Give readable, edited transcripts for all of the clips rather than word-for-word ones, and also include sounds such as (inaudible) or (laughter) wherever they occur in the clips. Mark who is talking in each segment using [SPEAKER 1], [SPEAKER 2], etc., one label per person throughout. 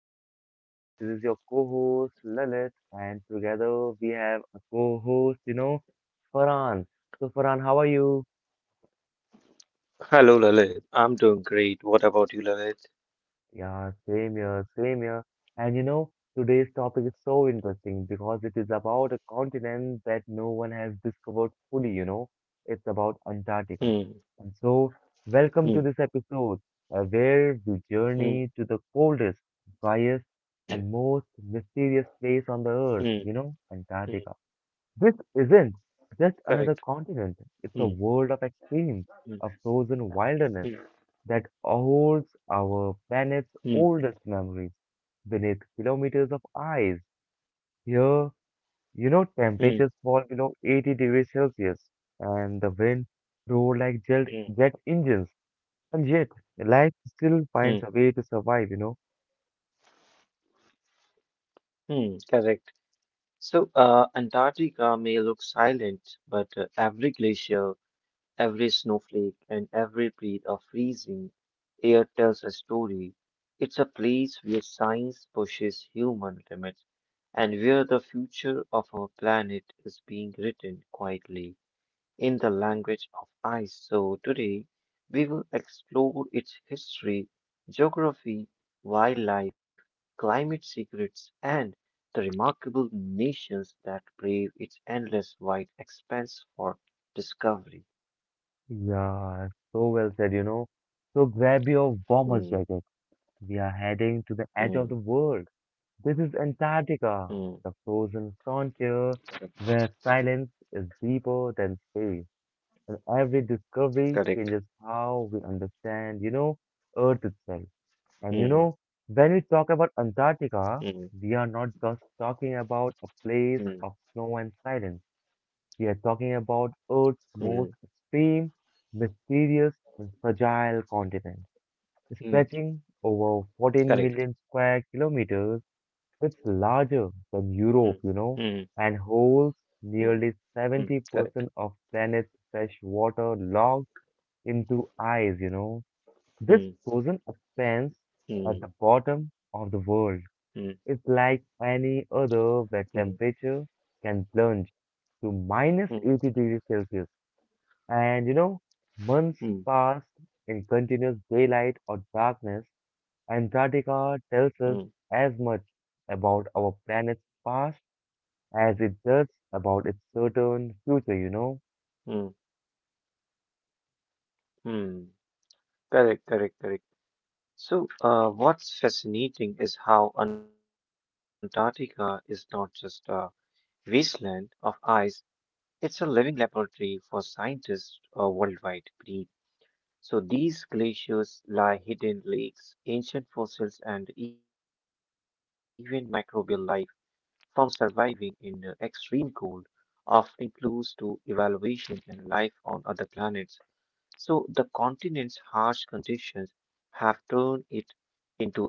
[SPEAKER 1] all? And this is your co-host Lalit, and together we have a co-host, Farhan. So, Farhan, how are you?
[SPEAKER 2] Hello, Lalit. I'm doing great. What about you, Lalit?
[SPEAKER 1] Yeah, Same here, same here. And you know, today's topic is so interesting because it is about a continent that no one has discovered fully, you know. It's about
[SPEAKER 2] Hmm,
[SPEAKER 1] Antarctica. And so, welcome
[SPEAKER 2] hmm,
[SPEAKER 1] to this episode where we
[SPEAKER 2] hmm,
[SPEAKER 1] journey to the coldest, driest, and most
[SPEAKER 2] hmm,
[SPEAKER 1] mysterious
[SPEAKER 2] hmm.
[SPEAKER 1] place on the earth, you know, Antarctica.
[SPEAKER 2] Correct.
[SPEAKER 1] This isn't
[SPEAKER 2] Hmm,
[SPEAKER 1] just another continent, it's
[SPEAKER 2] hmm,
[SPEAKER 1] a world of experience,
[SPEAKER 2] hmm,
[SPEAKER 1] a frozen wilderness that holds
[SPEAKER 2] hmm,
[SPEAKER 1] our planet's oldest memories beneath kilometers of ice. Here,
[SPEAKER 2] hmm,
[SPEAKER 1] temperatures fall below 80 degrees Celsius and the wind roar
[SPEAKER 2] hmm,
[SPEAKER 1] like jet engines. And yet, life still
[SPEAKER 2] hmm,
[SPEAKER 1] finds a way to survive, you know.
[SPEAKER 2] hmm. Correct. So, Antarctica may look silent, but every glacier, every snowflake, and every breath of freezing air tells a story. It's a place where science pushes human limits and where the future of our planet is being written quietly in the language of ice. So, today we will explore its history, geography, wildlife, climate secrets, and the remarkable nations that brave its endless wide expanse for discovery.
[SPEAKER 1] Yeah, so well said, you know. So grab your warmest jacket.
[SPEAKER 2] Hmm,
[SPEAKER 1] We are heading to the edge of the
[SPEAKER 2] hmm,
[SPEAKER 1] world. This is Antarctica, the
[SPEAKER 2] hmm.
[SPEAKER 1] frozen frontier where silence is deeper than space, and every discovery changes
[SPEAKER 2] Correct.
[SPEAKER 1] how we understand, you know, Earth itself. And you know,
[SPEAKER 2] Hmm,
[SPEAKER 1] when we talk about
[SPEAKER 2] hmm,
[SPEAKER 1] Antarctica, we are not just talking about a
[SPEAKER 2] hmm,
[SPEAKER 1] place of snow and silence. We are talking about Earth's
[SPEAKER 2] hmm,
[SPEAKER 1] most extreme, mysterious, and fragile continent,
[SPEAKER 2] hmm.
[SPEAKER 1] stretching over 14
[SPEAKER 2] Correct.
[SPEAKER 1] million square kilometers. It's larger than
[SPEAKER 2] Hmm,
[SPEAKER 1] Europe, you
[SPEAKER 2] hmm,
[SPEAKER 1] know, and holds
[SPEAKER 2] hmm,
[SPEAKER 1] nearly
[SPEAKER 2] hmm. Correct.
[SPEAKER 1] 70% of planet's fresh water locked into ice, you know. This
[SPEAKER 2] Hmm,
[SPEAKER 1] frozen expanse at the
[SPEAKER 2] hmm,
[SPEAKER 1] bottom of the world
[SPEAKER 2] hmm,
[SPEAKER 1] is like any other where
[SPEAKER 2] hmm,
[SPEAKER 1] temperature can plunge to minus 80
[SPEAKER 2] hmm,
[SPEAKER 1] degrees Celsius. And you know, months pass
[SPEAKER 2] hmm,
[SPEAKER 1] in continuous daylight or darkness. Antarctica tells us as much
[SPEAKER 2] hmm,
[SPEAKER 1] about our planet's past as it does about its certain
[SPEAKER 2] hmm.
[SPEAKER 1] future, you know?
[SPEAKER 2] Hmm. Correct, correct, correct. So, what's fascinating is how Antarctica is not just a wasteland of ice, it's a living laboratory for scientists worldwide. Breed. So, these glaciers lie hidden lakes, ancient fossils, and even microbial life from surviving in extreme cold of clues to evaluation and life on other planets. So the continent's harsh conditions have turned it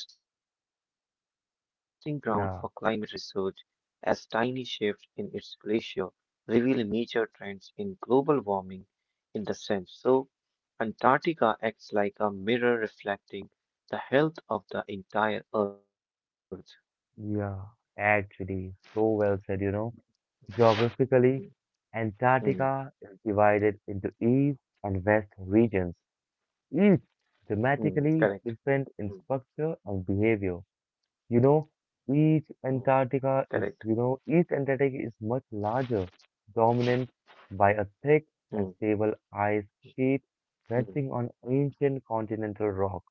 [SPEAKER 2] into a testing ground for climate
[SPEAKER 1] Yeah,
[SPEAKER 2] research as tiny shifts in its glacier reveal major trends in global warming in the sense. So Antarctica acts like a mirror reflecting the health of the entire Earth.
[SPEAKER 1] yeah, actually, so well said, you know. Geographically,
[SPEAKER 2] Mm,
[SPEAKER 1] Antarctica
[SPEAKER 2] mm,
[SPEAKER 1] is divided into east and west regions, each dramatically different in
[SPEAKER 2] mm. Correct.
[SPEAKER 1] structure and
[SPEAKER 2] Mm,
[SPEAKER 1] behavior. You know,
[SPEAKER 2] mm. Correct.
[SPEAKER 1] Each Antarctica is much larger, dominant by a thick and stable
[SPEAKER 2] Mm,
[SPEAKER 1] ice sheet resting on
[SPEAKER 2] mm,
[SPEAKER 1] ancient continental rock.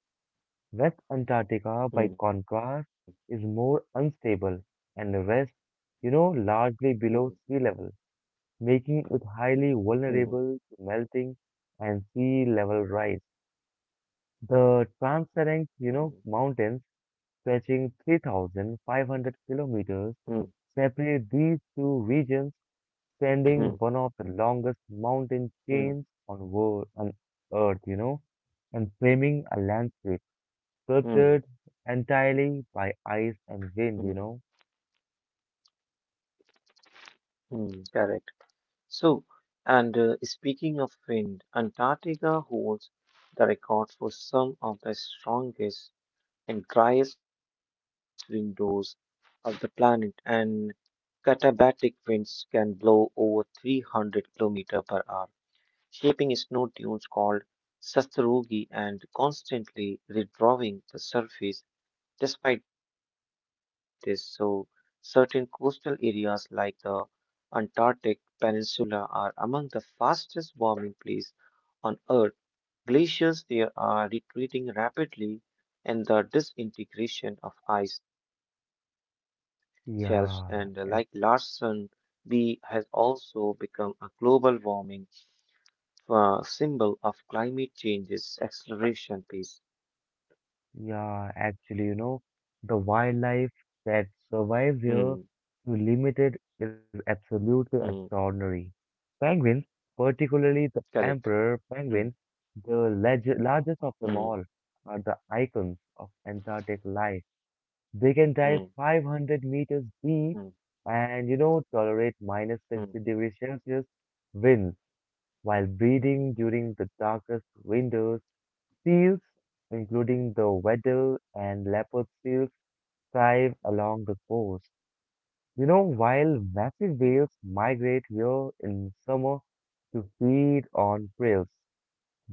[SPEAKER 1] West Antarctica, by contrast,
[SPEAKER 2] mm,
[SPEAKER 1] is more unstable and rests, you know, largely below sea
[SPEAKER 2] mm,
[SPEAKER 1] level, making it highly vulnerable to
[SPEAKER 2] mm,
[SPEAKER 1] melting and sea level rise. The transparent, you know, mountains
[SPEAKER 2] mm,
[SPEAKER 1] stretching 3,500 kilometers
[SPEAKER 2] mm,
[SPEAKER 1] separate these two regions, sending one of
[SPEAKER 2] mm,
[SPEAKER 1] the longest mountain chains on,
[SPEAKER 2] mm,
[SPEAKER 1] world, on Earth, you know, and framing a landscape sculpted
[SPEAKER 2] mm.
[SPEAKER 1] entirely by ice and wind, you know.
[SPEAKER 2] Mm. Hmm. Correct. So, and speaking of wind, Antarctica holds the record for some of the strongest and driest windows of the planet, and katabatic winds can blow over 300 kilometer per hour, shaping snow dunes called sastrugi and constantly redrawing the surface. Despite this, so certain coastal areas like the Antarctic Peninsula are among the fastest warming places on Earth. Glaciers there are retreating rapidly, and the disintegration of ice shelves and like
[SPEAKER 1] Yeah, ac-
[SPEAKER 2] Larsen B has also become a global warming symbol of climate change's acceleration pace.
[SPEAKER 1] yeah, actually, you know, the wildlife that
[SPEAKER 2] Hmm.
[SPEAKER 1] survives here to limited is absolutely
[SPEAKER 2] Hmm.
[SPEAKER 1] extraordinary. Penguins, particularly the
[SPEAKER 2] Correct.
[SPEAKER 1] emperor penguin,
[SPEAKER 2] Hmm.
[SPEAKER 1] the largest of them all,
[SPEAKER 2] Hmm.
[SPEAKER 1] are the icons of Antarctic life. They
[SPEAKER 2] Hmm.
[SPEAKER 1] can dive 500 meters
[SPEAKER 2] Hmm.
[SPEAKER 1] deep and, you know, tolerate minus
[SPEAKER 2] Hmm.
[SPEAKER 1] 60 degrees Celsius winds while breeding
[SPEAKER 2] Hmm.
[SPEAKER 1] during the darkest winters. Seals, including the Weddell and leopard seals, thrive along the coast. You know, while massive whales migrate here in summer to feed on krill.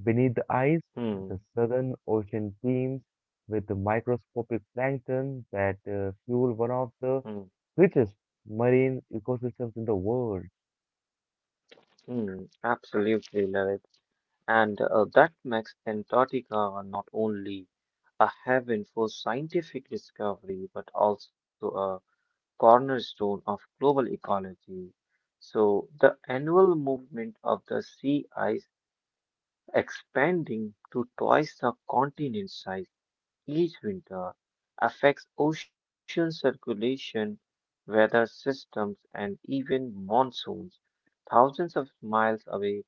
[SPEAKER 1] Beneath the ice, the
[SPEAKER 2] Hmm.
[SPEAKER 1] southern ocean teems with the microscopic plankton that fuel one of the
[SPEAKER 2] Hmm.
[SPEAKER 1] richest marine ecosystems in the world.
[SPEAKER 2] Hmm. Absolutely, Lalit. And that makes Antarctica not only a haven for scientific discovery, but also a cornerstone of global ecology. So, the annual movement of the sea ice expanding to twice the continent size each winter affects ocean circulation, weather systems, and even monsoons thousands of miles away.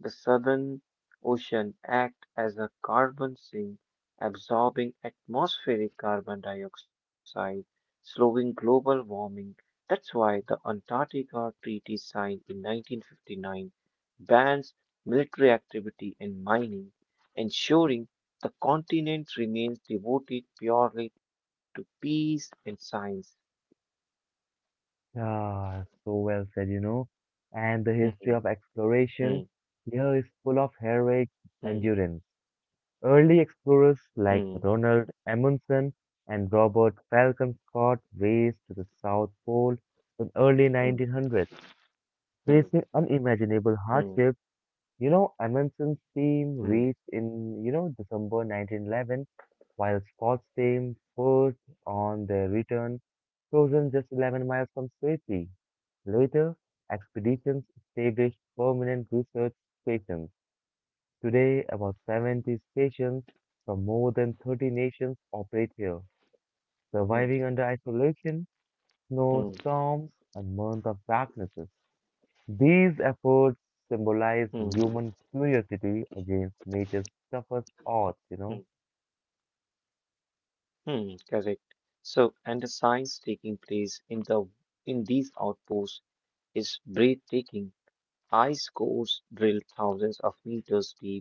[SPEAKER 2] The Southern Ocean acts as a carbon sink, absorbing atmospheric carbon dioxide, slowing global warming. That's why the Antarctica Treaty signed in 1959 bans military activity and mining, ensuring the continent remains devoted purely to peace and science.
[SPEAKER 1] Ah, so well said, you know. And
[SPEAKER 2] Hmm,
[SPEAKER 1] the history of
[SPEAKER 2] hmm,
[SPEAKER 1] exploration here is full of heroic
[SPEAKER 2] hmm,
[SPEAKER 1] endurance. Early explorers
[SPEAKER 2] hmm,
[SPEAKER 1] like Ronald Amundsen and Robert Falcon Scott raced to the South Pole in early 1900s,
[SPEAKER 2] hmm, hmm,
[SPEAKER 1] facing
[SPEAKER 2] hmm,
[SPEAKER 1] unimaginable hardships. You know, Amundsen's
[SPEAKER 2] hmm,
[SPEAKER 1] team reached in, you know, December 1911, while Scott's team
[SPEAKER 2] hmm, hmm,
[SPEAKER 1] first on their return,
[SPEAKER 2] hmm,
[SPEAKER 1] frozen just 11 miles from safety.
[SPEAKER 2] hmm.
[SPEAKER 1] Later,
[SPEAKER 2] Hmm.
[SPEAKER 1] expeditions established permanent research stations. Today, about 70 stations from more than 30 nations operate here, surviving under
[SPEAKER 2] Hmm, hmm.
[SPEAKER 1] isolation, snow, storms, and months of darknesses. These efforts
[SPEAKER 2] Hmm,
[SPEAKER 1] symbolize human curiosity against nature's toughest
[SPEAKER 2] hmm,
[SPEAKER 1] odds, you know?
[SPEAKER 2] hmm. Correct. So, and the science taking place in these outposts is breathtaking. Ice cores drilled thousands of meters deep,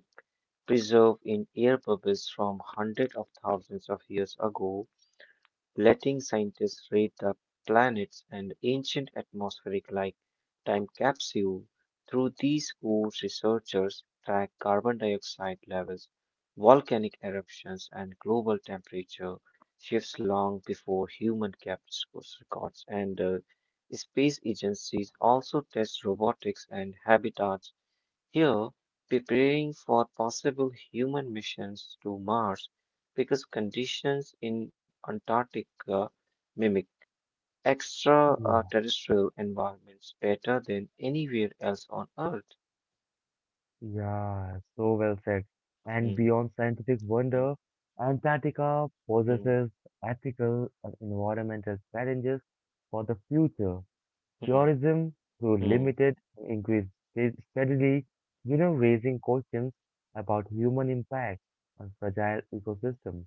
[SPEAKER 2] preserved in air bubbles from hundreds of thousands of years ago, letting scientists read the planets and ancient atmospheric like time capsule. Through these tools, researchers track carbon dioxide levels, volcanic eruptions, and global temperature shifts long before human kept records. And space agencies also test robotics and habitats here, preparing for possible human missions to Mars because conditions in Antarctica mimic extraterrestrial environments better than anywhere else on Earth.
[SPEAKER 1] Yeah, so well said. And
[SPEAKER 2] Hmm,
[SPEAKER 1] beyond scientific
[SPEAKER 2] hmm,
[SPEAKER 1] wonder, Antarctica possesses ethical and environmental challenges for the future.
[SPEAKER 2] hmm,
[SPEAKER 1] Tourism, though
[SPEAKER 2] hmm,
[SPEAKER 1] limited, increased steadily, you know, raising questions about human impact on fragile ecosystems.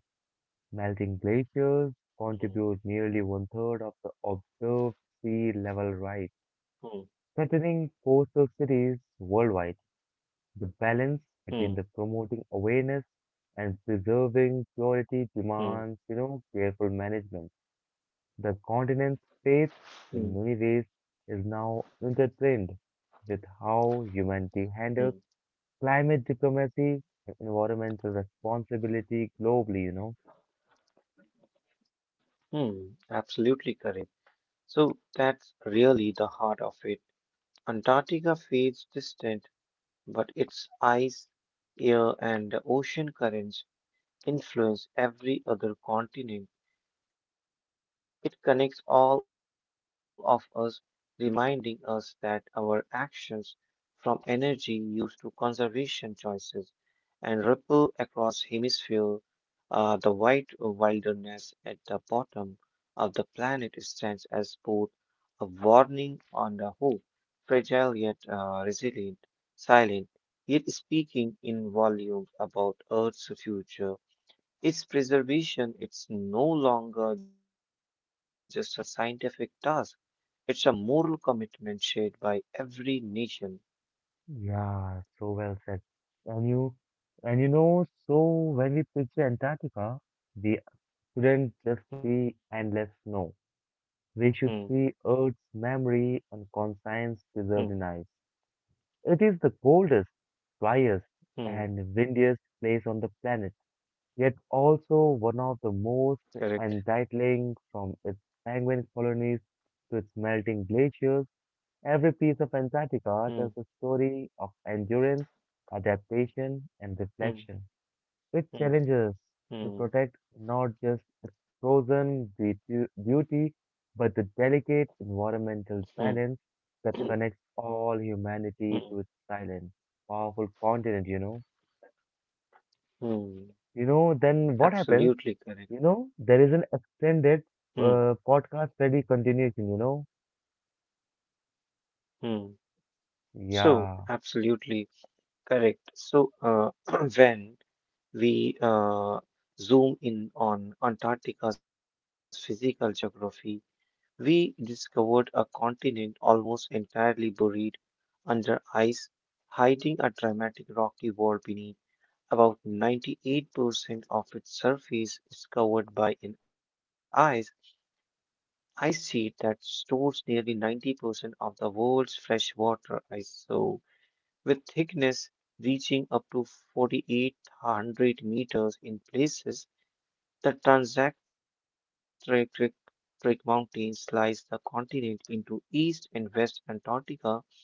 [SPEAKER 1] Melting glaciers
[SPEAKER 2] hmm,
[SPEAKER 1] contribute nearly one third of the observed sea level rise,
[SPEAKER 2] hmm,
[SPEAKER 1] threatening coastal cities worldwide. The balance between
[SPEAKER 2] hmm,
[SPEAKER 1] the promoting awareness and preserving
[SPEAKER 2] hmm, hmm,
[SPEAKER 1] purity demands, you know, careful management. The continent's faith,
[SPEAKER 2] hmm,
[SPEAKER 1] in many ways, is now intertwined with how humanity
[SPEAKER 2] hmm,
[SPEAKER 1] handles climate diplomacy and environmental responsibility globally, you know.
[SPEAKER 2] hmm. Absolutely correct. So that's really the heart of it. Antarctica feels distant, but its ice, air, and ocean currents influence every other continent. It connects all of us, reminding us that our actions, from energy use to conservation choices, and ripple across hemisphere. The white wilderness at the bottom of the planet stands as both a warning and a hope, fragile yet resilient, silent, yet speaking in volumes about Earth's future. Its preservation, it's no longer just a scientific task. It's a moral commitment shared by every nation.
[SPEAKER 1] Yeah, so well said. And you, so when we picture Antarctica, we couldn't just
[SPEAKER 2] Hmm,
[SPEAKER 1] see endless snow. We should see Earth's
[SPEAKER 2] hmm,
[SPEAKER 1] memory and conscience preserved in ice. It is the coldest,
[SPEAKER 2] hmm.
[SPEAKER 1] driest, and windiest place on the planet, yet also one of the
[SPEAKER 2] Correct.
[SPEAKER 1] most entitling from its penguin colonies to its melting glaciers. Every piece of
[SPEAKER 2] Hmm,
[SPEAKER 1] Antarctica tells a story of endurance, adaptation, and
[SPEAKER 2] hmm,
[SPEAKER 1] reflection. It
[SPEAKER 2] hmm,
[SPEAKER 1] challenges to
[SPEAKER 2] hmm,
[SPEAKER 1] protect not just its frozen beauty, but the delicate
[SPEAKER 2] hmm,
[SPEAKER 1] environmental balance
[SPEAKER 2] hmm,
[SPEAKER 1] that connects all
[SPEAKER 2] hmm,
[SPEAKER 1] humanity to its silent, powerful continent, you know.
[SPEAKER 2] hmm.
[SPEAKER 1] You know, then what happens?
[SPEAKER 2] Absolutely correct.
[SPEAKER 1] You know, there is an
[SPEAKER 2] Hmm,
[SPEAKER 1] extended podcast study continuation, you know.
[SPEAKER 2] hmm. So,
[SPEAKER 1] Yeah,
[SPEAKER 2] absolutely correct. So, (clears throat) when we zoom in on Antarctica's physical geography, we discovered a continent almost entirely buried under ice, hiding a dramatic rocky wall beneath. About 98% of its surface is covered by an ice sheet that stores nearly 90% of the world's freshwater ice, so with thickness reaching up to 4,800 meters in places. The Transantarctic Trick Mountains slice the continent into East and West Antarctica,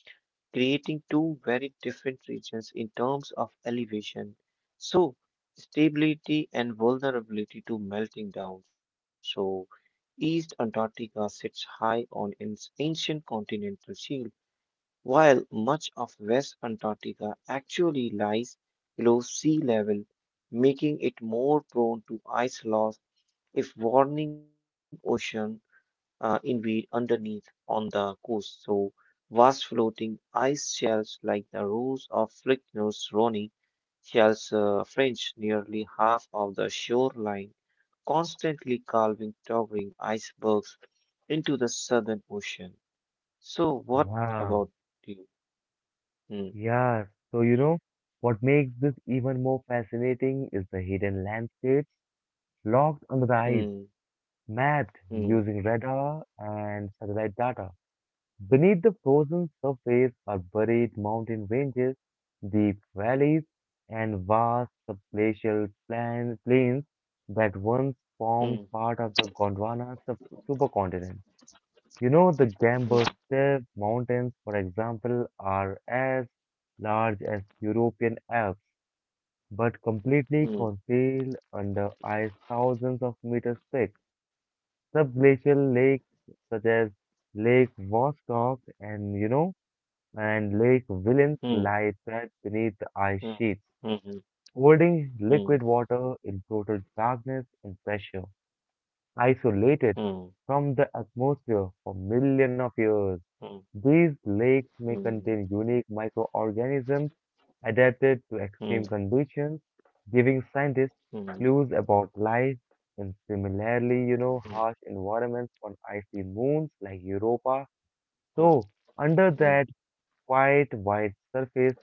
[SPEAKER 2] creating two very different regions in terms of elevation. So, stability and vulnerability to melting down. So, East Antarctica sits high on its ancient continental shield, while much of West Antarctica actually lies below sea level, making it more prone to ice loss if warning ocean invade underneath on the coast so vast floating ice shelves like the rows of Flickner's Roni shells fringe nearly half of the shoreline, constantly calving towering icebergs into the southern ocean. So what
[SPEAKER 1] yeah,
[SPEAKER 2] about you? Hmm,
[SPEAKER 1] yeah. So, you know, what makes this even more fascinating is the hidden landscapes locked under the ice
[SPEAKER 2] hmm,
[SPEAKER 1] mapped using
[SPEAKER 2] hmm,
[SPEAKER 1] radar and satellite data. Beneath the frozen surface are buried mountain ranges, deep valleys, and vast plains that once formed
[SPEAKER 2] hmm,
[SPEAKER 1] part of the supercontinent. You know, the Gamber Steppe Mountains, for example, are as large as European Alps, but completely
[SPEAKER 2] hmm,
[SPEAKER 1] concealed under ice thousands of meters thick. Subglacial lakes such as Lake Vostok and Lake Wilens
[SPEAKER 2] hmm,
[SPEAKER 1] lie trapped beneath the ice
[SPEAKER 2] hmm,
[SPEAKER 1] sheets,
[SPEAKER 2] hmm, hmm,
[SPEAKER 1] holding
[SPEAKER 2] hmm,
[SPEAKER 1] liquid water in total darkness and pressure, isolated
[SPEAKER 2] hmm, hmm,
[SPEAKER 1] from the atmosphere for millions of years.
[SPEAKER 2] hmm,
[SPEAKER 1] These lakes may
[SPEAKER 2] hmm,
[SPEAKER 1] contain unique microorganisms adapted to
[SPEAKER 2] hmm.
[SPEAKER 1] extreme conditions, giving scientists
[SPEAKER 2] Hmm, hmm.
[SPEAKER 1] clues about life in similarly, you know, harsh environments on icy moons like Europa.
[SPEAKER 2] Mm,
[SPEAKER 1] So, under
[SPEAKER 2] mm,
[SPEAKER 1] that quite wide surface,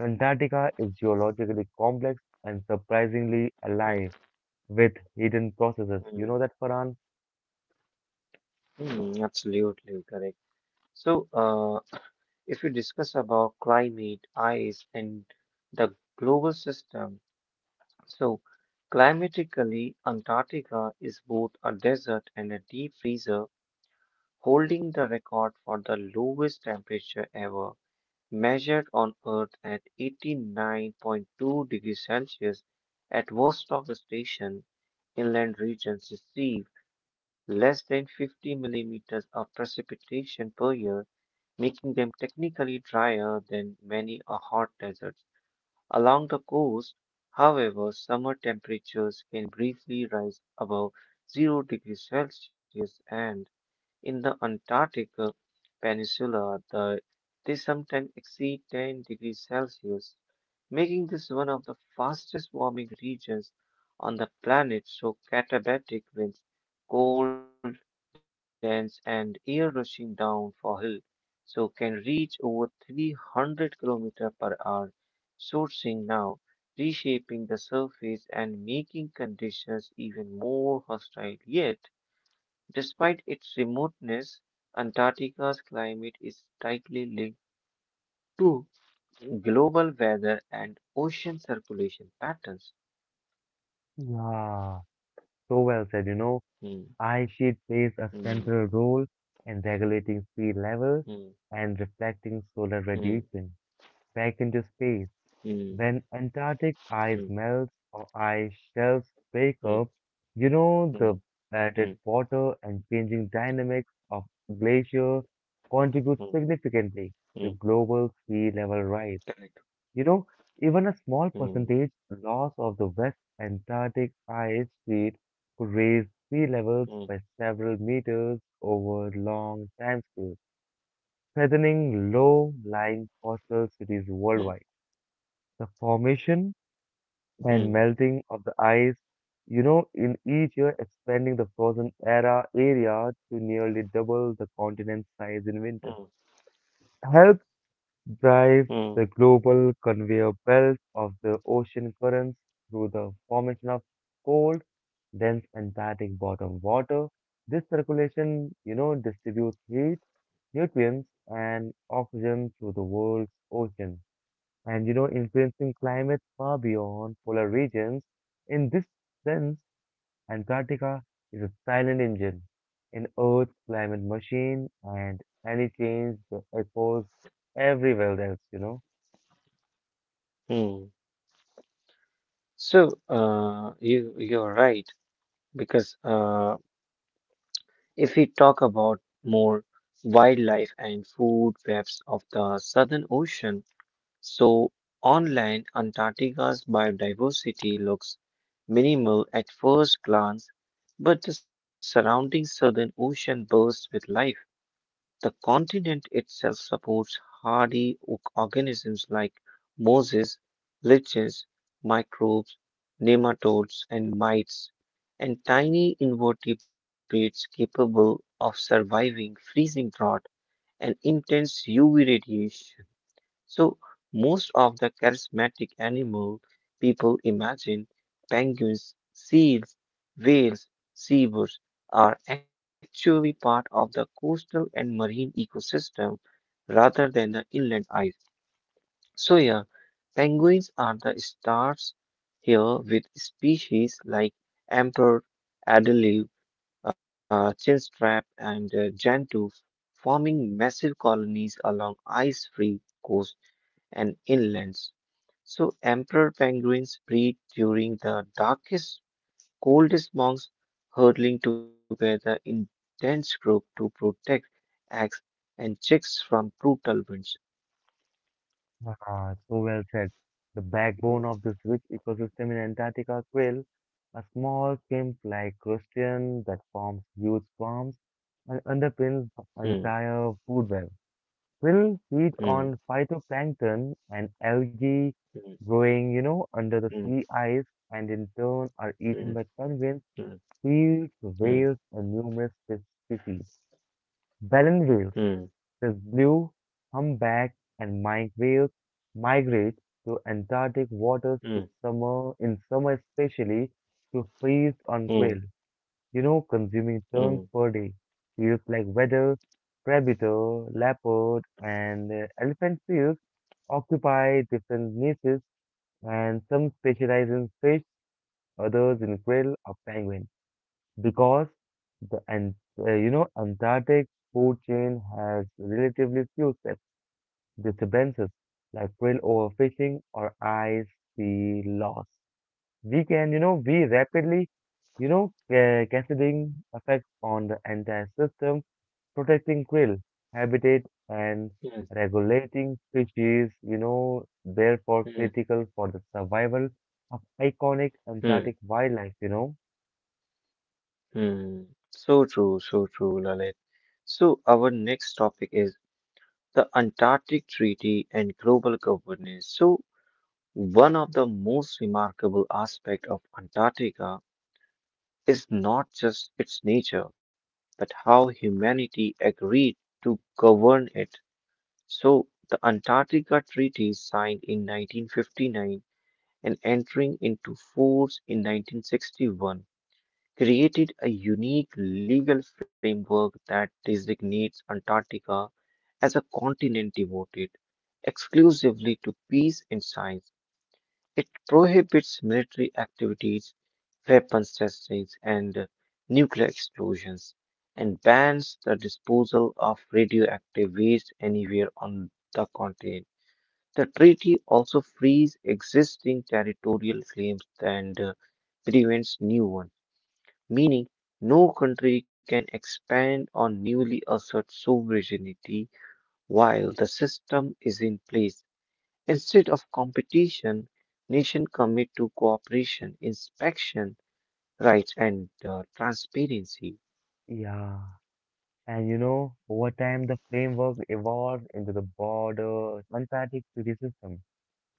[SPEAKER 1] Antarctica is geologically complex and surprisingly alive
[SPEAKER 2] mm,
[SPEAKER 1] with hidden processes. You know
[SPEAKER 2] mm,
[SPEAKER 1] that, Farhan?
[SPEAKER 2] mm. Absolutely correct. So, if we discuss about climate, ice, and the global system, so climatically, Antarctica is both a desert and a deep freezer, holding the record for the lowest temperature ever, measured on Earth at 89.2 degrees Celsius at Vostok Station. Inland regions receive less than 50 millimeters of precipitation per year, making them technically drier than many a hot deserts. Along the coast, however, summer temperatures can briefly rise above 0 degrees Celsius, and in the Antarctic Peninsula, they sometimes exceed 10 degrees Celsius, making this one of the fastest warming regions on the planet. So katabatic winds, cold, dense, and air rushing down for hill, so can reach over 300 km per hour, sourcing now, reshaping the surface and making conditions even more hostile. Yet, despite its remoteness, Antarctica's climate is tightly linked to global weather and ocean circulation patterns.
[SPEAKER 1] Yeah, so well said. You know,
[SPEAKER 2] Hmm,
[SPEAKER 1] ice sheet plays
[SPEAKER 2] hmm,
[SPEAKER 1] a central role in regulating sea levels
[SPEAKER 2] hmm,
[SPEAKER 1] and reflecting solar
[SPEAKER 2] hmm,
[SPEAKER 1] radiation back into space.
[SPEAKER 2] hmm,
[SPEAKER 1] When Antarctic
[SPEAKER 2] hmm,
[SPEAKER 1] ice melts or ice shelves break
[SPEAKER 2] hmm,
[SPEAKER 1] up, you know
[SPEAKER 2] hmm,
[SPEAKER 1] the
[SPEAKER 2] hmm,
[SPEAKER 1] added water and changing dynamics of glacier
[SPEAKER 2] hmm,
[SPEAKER 1] contribute
[SPEAKER 2] hmm.
[SPEAKER 1] significantly to global sea level rise.
[SPEAKER 2] Correct.
[SPEAKER 1] You know, even a small
[SPEAKER 2] Hmm,
[SPEAKER 1] percentage loss of the West Antarctic ice sheet could raise sea
[SPEAKER 2] hmm,
[SPEAKER 1] levels by several meters over long timescales, threatening
[SPEAKER 2] hmm,
[SPEAKER 1] low-lying coastal cities worldwide. The formation
[SPEAKER 2] hmm,
[SPEAKER 1] and melting of the ice, you know, in each year expanding the frozen era area to nearly double the
[SPEAKER 2] hmm,
[SPEAKER 1] continent's size in winter, helps
[SPEAKER 2] hmm,
[SPEAKER 1] drive the global conveyor belt of the ocean currents through the formation of cold, dense Antarctic bottom water. This circulation, you know, distributes heat, nutrients, and oxygen through the world's oceans and you know influencing climate far beyond polar regions. In this sense, Antarctica is a silent engine in Earth's climate machine, and any change that echoes everywhere else. You know,
[SPEAKER 2] hmm. So, you're right because if we talk about more wildlife and food webs of the Southern Ocean, so on land, Antarctica's biodiversity looks minimal at first glance, but the surrounding southern ocean bursts with life. The continent itself supports hardy organisms like mosses, lichens, microbes, nematodes, and mites, and tiny invertebrates capable of surviving freezing drought and intense UV radiation. So, most of the charismatic animal people imagine penguins, seals, whales, seabirds are actually part of the coastal and marine ecosystem rather than the inland ice. So, yeah, penguins are the stars here with species like emperor, adelive, chinstrap, and gentoo forming massive colonies along ice free coasts and inlands. So emperor penguins breed during the darkest, coldest months, hurtling together in dense groups to protect eggs and chicks from brutal winds.
[SPEAKER 1] ah, so well said. The
[SPEAKER 2] Hmm,
[SPEAKER 1] backbone of this rich ecosystem in Antarctica krill, a small shrimp-like crustacean that forms huge swarms and underpins the entire food web will feed
[SPEAKER 2] hmm,
[SPEAKER 1] on
[SPEAKER 2] hmm,
[SPEAKER 1] phytoplankton and algae growing, you know, under the
[SPEAKER 2] hmm,
[SPEAKER 1] sea ice and in turn are eaten by
[SPEAKER 2] hmm,
[SPEAKER 1] penguins,
[SPEAKER 2] hmm,
[SPEAKER 1] seals, whales, and numerous fish species. Baleine whales,
[SPEAKER 2] hmm, hmm,
[SPEAKER 1] the blue humpback and minke whales migrate to Antarctic waters
[SPEAKER 2] hmm,
[SPEAKER 1] to
[SPEAKER 2] hmm,
[SPEAKER 1] summer in summer especially to feast on krill.
[SPEAKER 2] hmm,
[SPEAKER 1] You know, consuming prawns per day feels like whether crabito, leopard, and elephant seals occupy different niches, and some specialize in fish, others in krill or penguin. Because the and you know Antarctic food chain has relatively few steps disturbances like krill overfishing or ice sea loss we can, you know, be rapidly, you know, cascading effects on the entire system, protecting krill habitat and regulating species, you know, therefore
[SPEAKER 2] hmm,
[SPEAKER 1] critical for the survival of iconic Antarctic
[SPEAKER 2] hmm,
[SPEAKER 1] wildlife, you know.
[SPEAKER 2] hmm. So true, Lalit. So our next topic is the Antarctic Treaty and global governance. So one of the most remarkable aspects of Antarctica is not just its nature, but how humanity agreed to govern it. So, the Antarctica Treaty, signed in 1959 and entering into force in 1961, created a unique legal framework that designates Antarctica as a continent devoted exclusively to peace and science. It prohibits military activities, weapons testings, and nuclear explosions, and bans the disposal of radioactive waste anywhere on the continent. The treaty also frees existing territorial claims and prevents new ones, meaning no country can expand or newly assert sovereignty while the system is in place. Instead of competition, nations commit to cooperation, inspection, rights, and transparency.
[SPEAKER 1] Yeah. And you know, over time, the framework evolved into the broader Antarctic treaty system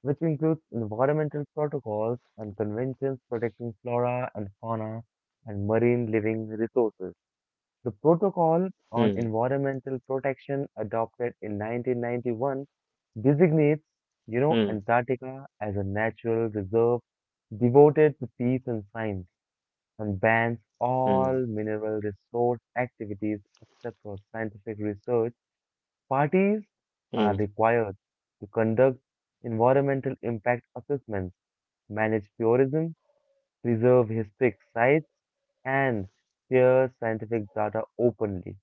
[SPEAKER 1] which includes environmental protocols and conventions protecting flora and fauna and marine living resources. The Protocol on
[SPEAKER 2] Hmm,
[SPEAKER 1] Environmental Protection adopted in 1991 designates, you know,
[SPEAKER 2] hmm,
[SPEAKER 1] Antarctica as a natural reserve devoted to peace and science and bans
[SPEAKER 2] hmm,
[SPEAKER 1] all mineral resource activities except for scientific research. Parties are
[SPEAKER 2] hmm,
[SPEAKER 1] required to conduct environmental impact assessments, manage tourism, preserve historic sites, and share scientific data openly.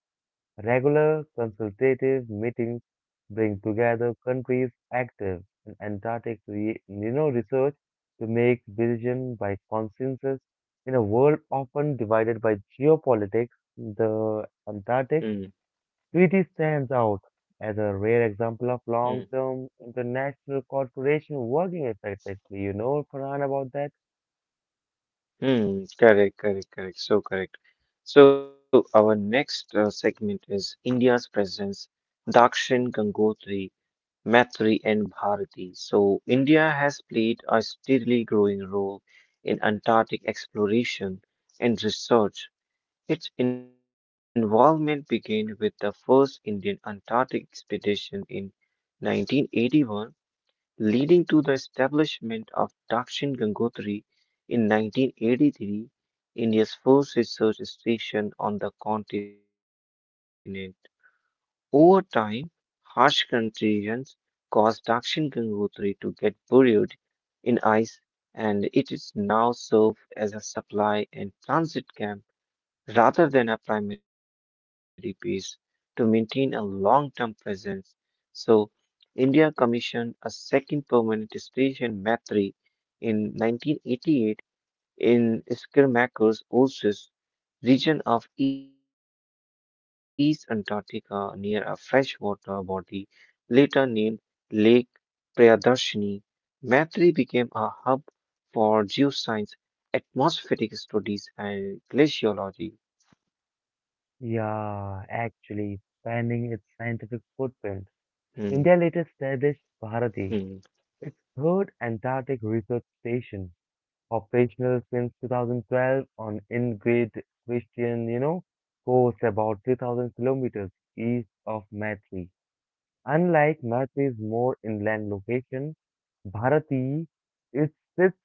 [SPEAKER 1] Regular consultative meetings bring together countries active in you know, research to make decisions by consensus. In a world often divided by geopolitics, the Antarctic
[SPEAKER 2] hmm,
[SPEAKER 1] Crete stands out as a rare example of
[SPEAKER 2] hmm,
[SPEAKER 1] long-term international cooperation working effectively. You know, Farhan, about that?
[SPEAKER 2] hmm. Correct, correct, correct. So correct. So our next segment is India's presence, Dakshin, Gangotri, Maitri, and Bharati. So India has played a steadily growing role in Antarctic exploration and research. Its involvement began with the first Indian Antarctic expedition in 1981, leading to the establishment of Dakshin Gangotri in 1983, India's first research station on the continent. Over time, harsh conditions caused Dakshin Gangotri to get buried in ice, and it is now served as a supply and transit camp rather than a primary base to maintain a long term presence. So, India commissioned a second permanent station, Maitri, in 1988 in Skirmaker's Oasis region of East Antarctica near a freshwater body later named Lake Prayadarshini. Maitri became a hub for geoscience, atmospheric studies, and glaciology.
[SPEAKER 1] Yeah, actually, expanding its scientific
[SPEAKER 2] Hmm,
[SPEAKER 1] footprint. India later established
[SPEAKER 2] hmm.
[SPEAKER 1] Bharati, its third Antarctic research station, operational since 2012 on in-grid Christian, you know, coast about 3,000 kilometers east of Matri. Unlike Matri's more inland location, Bharati it sits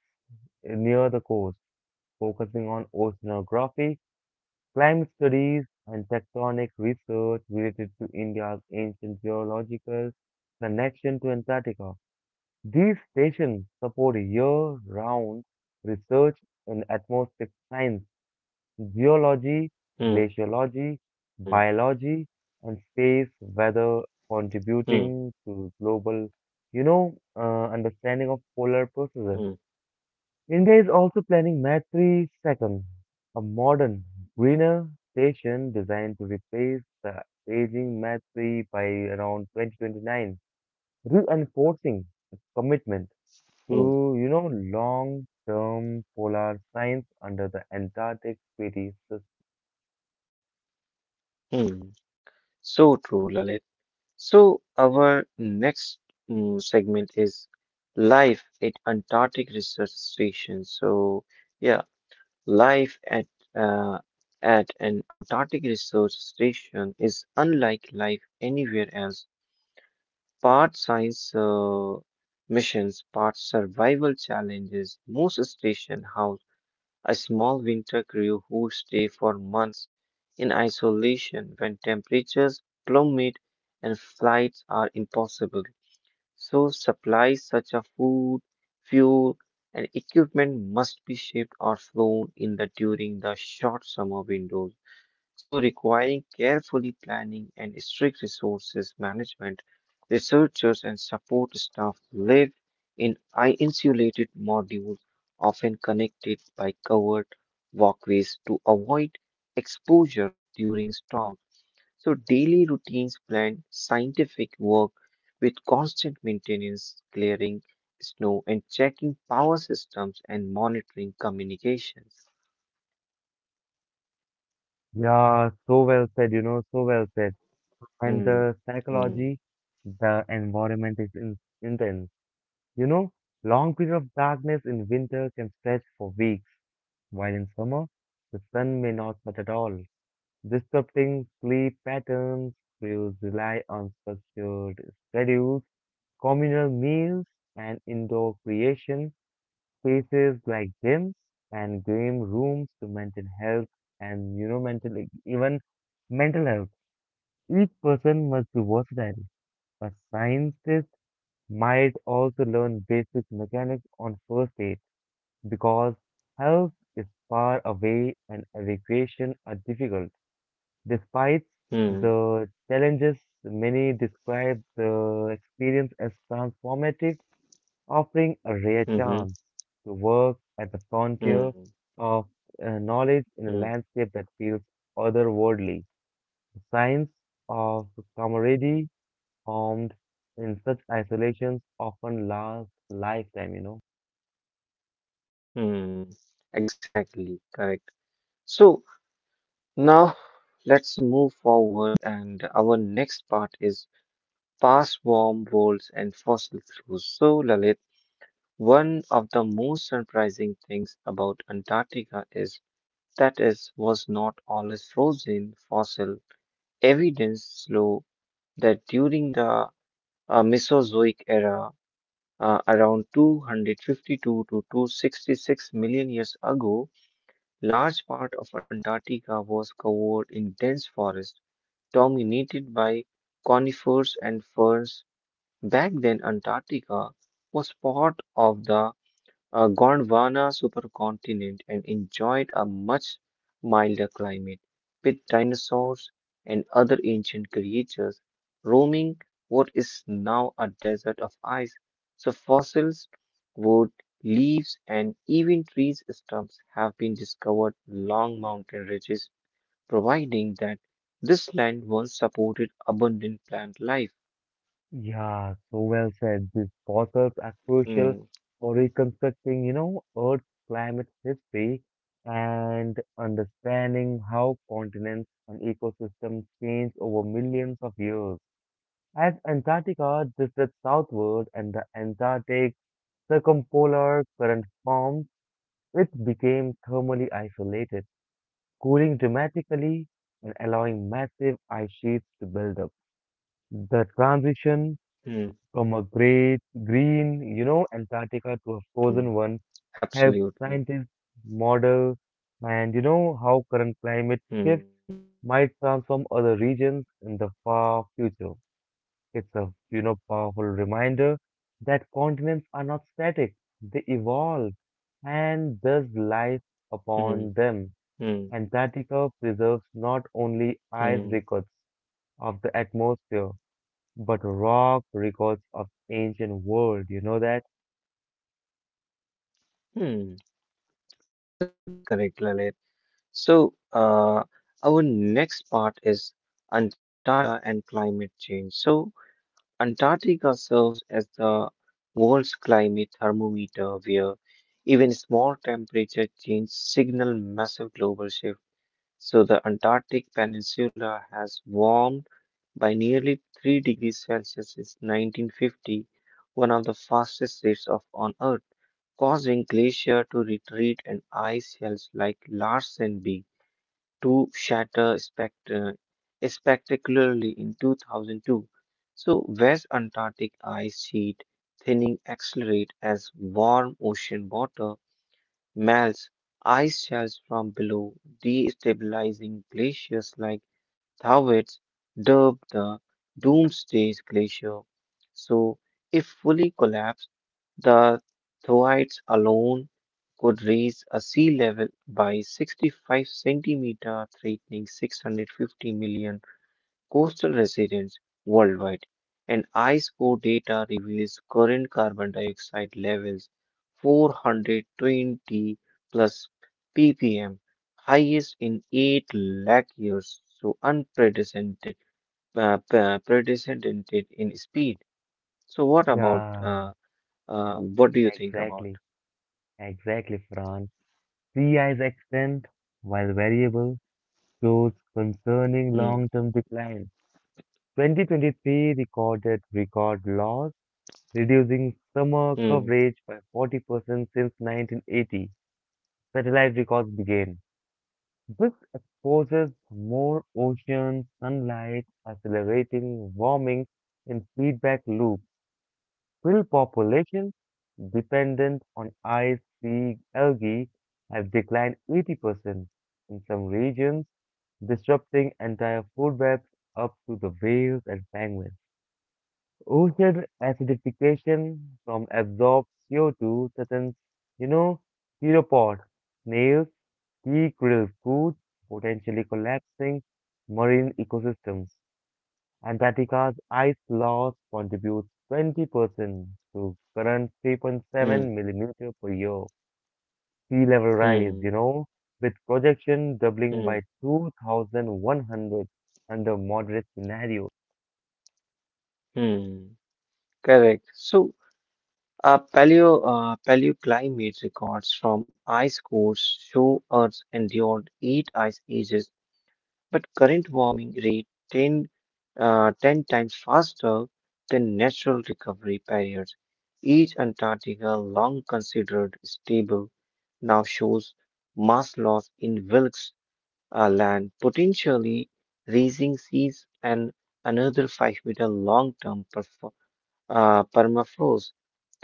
[SPEAKER 1] near the coast, focusing on oceanography, climate studies, and tectonic research related to India's ancient geological connection to Antarctica. These stations support year-round research in atmospheric science, Geology,
[SPEAKER 2] Mm,
[SPEAKER 1] glaciology, biology, and space weather
[SPEAKER 2] mm,
[SPEAKER 1] contributing to global, you know, understanding of polar
[SPEAKER 2] mm,
[SPEAKER 1] processes. India is also planning Maitri Second, a modern, greener station designed to replace the aging Maitri by around 2029, reinforcing its commitment
[SPEAKER 2] mm,
[SPEAKER 1] to, long-term polar science under the Antarctic Treaty.
[SPEAKER 2] mm. So true, Lalit. So our next segment is life at Antarctic Research Station. So yeah, life uh, at an Antarctic Research Station is unlike life anywhere else. Part science missions, part survival challenges. Most station house, a small winter crew who stay for months in isolation when temperatures plummet and flights are impossible. So, supplies such as food, fuel, and equipment must be shipped or flown in the during the short summer windows. So, requiring carefully planning and strict resources management, researchers and support staff live in insulated modules, often connected by covered walkways to avoid exposure during storms. So, daily routines blend scientific work with constant maintenance, clearing snow, and checking power systems and monitoring communications.
[SPEAKER 1] Yeah, so well said, so well said. And
[SPEAKER 2] Hmm.
[SPEAKER 1] the
[SPEAKER 2] Hmm.
[SPEAKER 1] psychology, the environment is intense. You know, long period of darkness in winter can stretch for weeks, while in summer, the sun may not set at all. Disrupting sleep patterns, crews rely on structured schedules, communal meals, and indoor creation, spaces like gyms and game rooms to maintain health and, even mental health. Each person must be versatile, a scientist might also learn basic mechanics on first aid because health is far away and evacuation are difficult. Despite
[SPEAKER 2] Hmm.
[SPEAKER 1] the challenges, many describe the experience as transformative, offering a rare
[SPEAKER 2] Hmm. Hmm.
[SPEAKER 1] chance to work at the frontier
[SPEAKER 2] Mm,
[SPEAKER 1] of knowledge in a
[SPEAKER 2] mm,
[SPEAKER 1] landscape that feels otherworldly. The science of camaraderie formed in such isolations often last lifetime.
[SPEAKER 2] mm. Exactly, correct. So now let's move forward, and our next part is past warm worlds and fossil fuels. So, Lalit, one of the most surprising things about Antarctica is that it was not always frozen. Fossil evidence show that during the Mesozoic era, around 252 to 266 million years ago, large part of Antarctica was covered in dense forest, dominated by conifers and ferns. Back then, Antarctica was part of the Gondwana supercontinent and enjoyed a much milder climate with dinosaurs and other ancient creatures roaming what is now a desert of ice. So fossils, wood, leaves, and even trees stumps have been discovered along mountain ridges, providing that this land once supported abundant plant life.
[SPEAKER 1] Yeah, so well said. These fossils are crucial
[SPEAKER 2] Hmm,
[SPEAKER 1] for reconstructing, Earth's climate history and understanding how continents and ecosystems change over millions of years. As Antarctica drifted southward and the Antarctic circumpolar current formed, it became thermally isolated cooling dramatically and allowing massive ice sheets to build up. The transition
[SPEAKER 2] hmm,
[SPEAKER 1] from a great green, Antarctica to a frozen
[SPEAKER 2] hmm,
[SPEAKER 1] one helps
[SPEAKER 2] absolutely.
[SPEAKER 1] scientists model and how current climate shifts
[SPEAKER 2] Hmm,
[SPEAKER 1] might transform other regions in the far future. It's a powerful reminder that continents are not static; they evolve, and thus life upon
[SPEAKER 2] hmm,
[SPEAKER 1] them.
[SPEAKER 2] hmm,
[SPEAKER 1] Antarctica preserves not only ice
[SPEAKER 2] hmm.
[SPEAKER 1] records of the atmosphere, but rock records of ancient world. You know that?
[SPEAKER 2] Hmm, absolutely correct, Lalit. So, our next part is Antarctica and climate change. So, Antarctica serves as the world's climate thermometer, where even small temperature change signal massive global shift. So, the Antarctic Peninsula has warmed by nearly 3 degrees Celsius since 1950, one of the fastest rates of on Earth causing glacier to retreat and ice shelves like Larsen B to shatter spectacularly in 2002. So West Antarctic ice sheet thinning accelerate as warm ocean water melts ice shelves from below, destabilizing glaciers like Thawetts, dubbed the Doomsday Glacier. So if fully collapsed, the Thoites alone could raise a sea level by 65 centimeter, threatening 650 million coastal residents worldwide. And ice core data reveals current carbon dioxide levels 420 plus ppm, highest in 8 lakh years, so unprecedented, precedented in speed. So,
[SPEAKER 1] Yeah,
[SPEAKER 2] what do
[SPEAKER 1] Yeah,
[SPEAKER 2] you think about?
[SPEAKER 1] exactly. Exactly, Fran. Sea ice extent, while variable, shows concerning
[SPEAKER 2] Mm,
[SPEAKER 1] long-term decline. 2023 recorded record loss, reducing summer
[SPEAKER 2] mm,
[SPEAKER 1] coverage by 40% since 1980. Satellite records began. This exposes more ocean sunlight, accelerating warming in feedback loops. Krill populations dependent on ice sea algae have declined 80% in some regions, disrupting entire food webs up to the whales and penguins. Ocean acidification from absorbed CO2 threatens, you know, theropods, snails, he grilled food, potentially collapsing marine ecosystems. Antarctica's ice loss contributes 20% to current 3.7
[SPEAKER 2] mm,
[SPEAKER 1] millimeter per year sea level rise, you
[SPEAKER 2] mm,
[SPEAKER 1] know, with projection doubling by
[SPEAKER 2] mm,
[SPEAKER 1] 2100 under moderate scenario.
[SPEAKER 2] mm. Correct. So, paleoclimate records from ice cores show Earth endured eight ice ages, but current warming rate 10 times faster than natural recovery periods. Each Antarctica, long considered stable, now shows mass loss in wilts land, potentially raising seas and another 5-meter long term permafrost.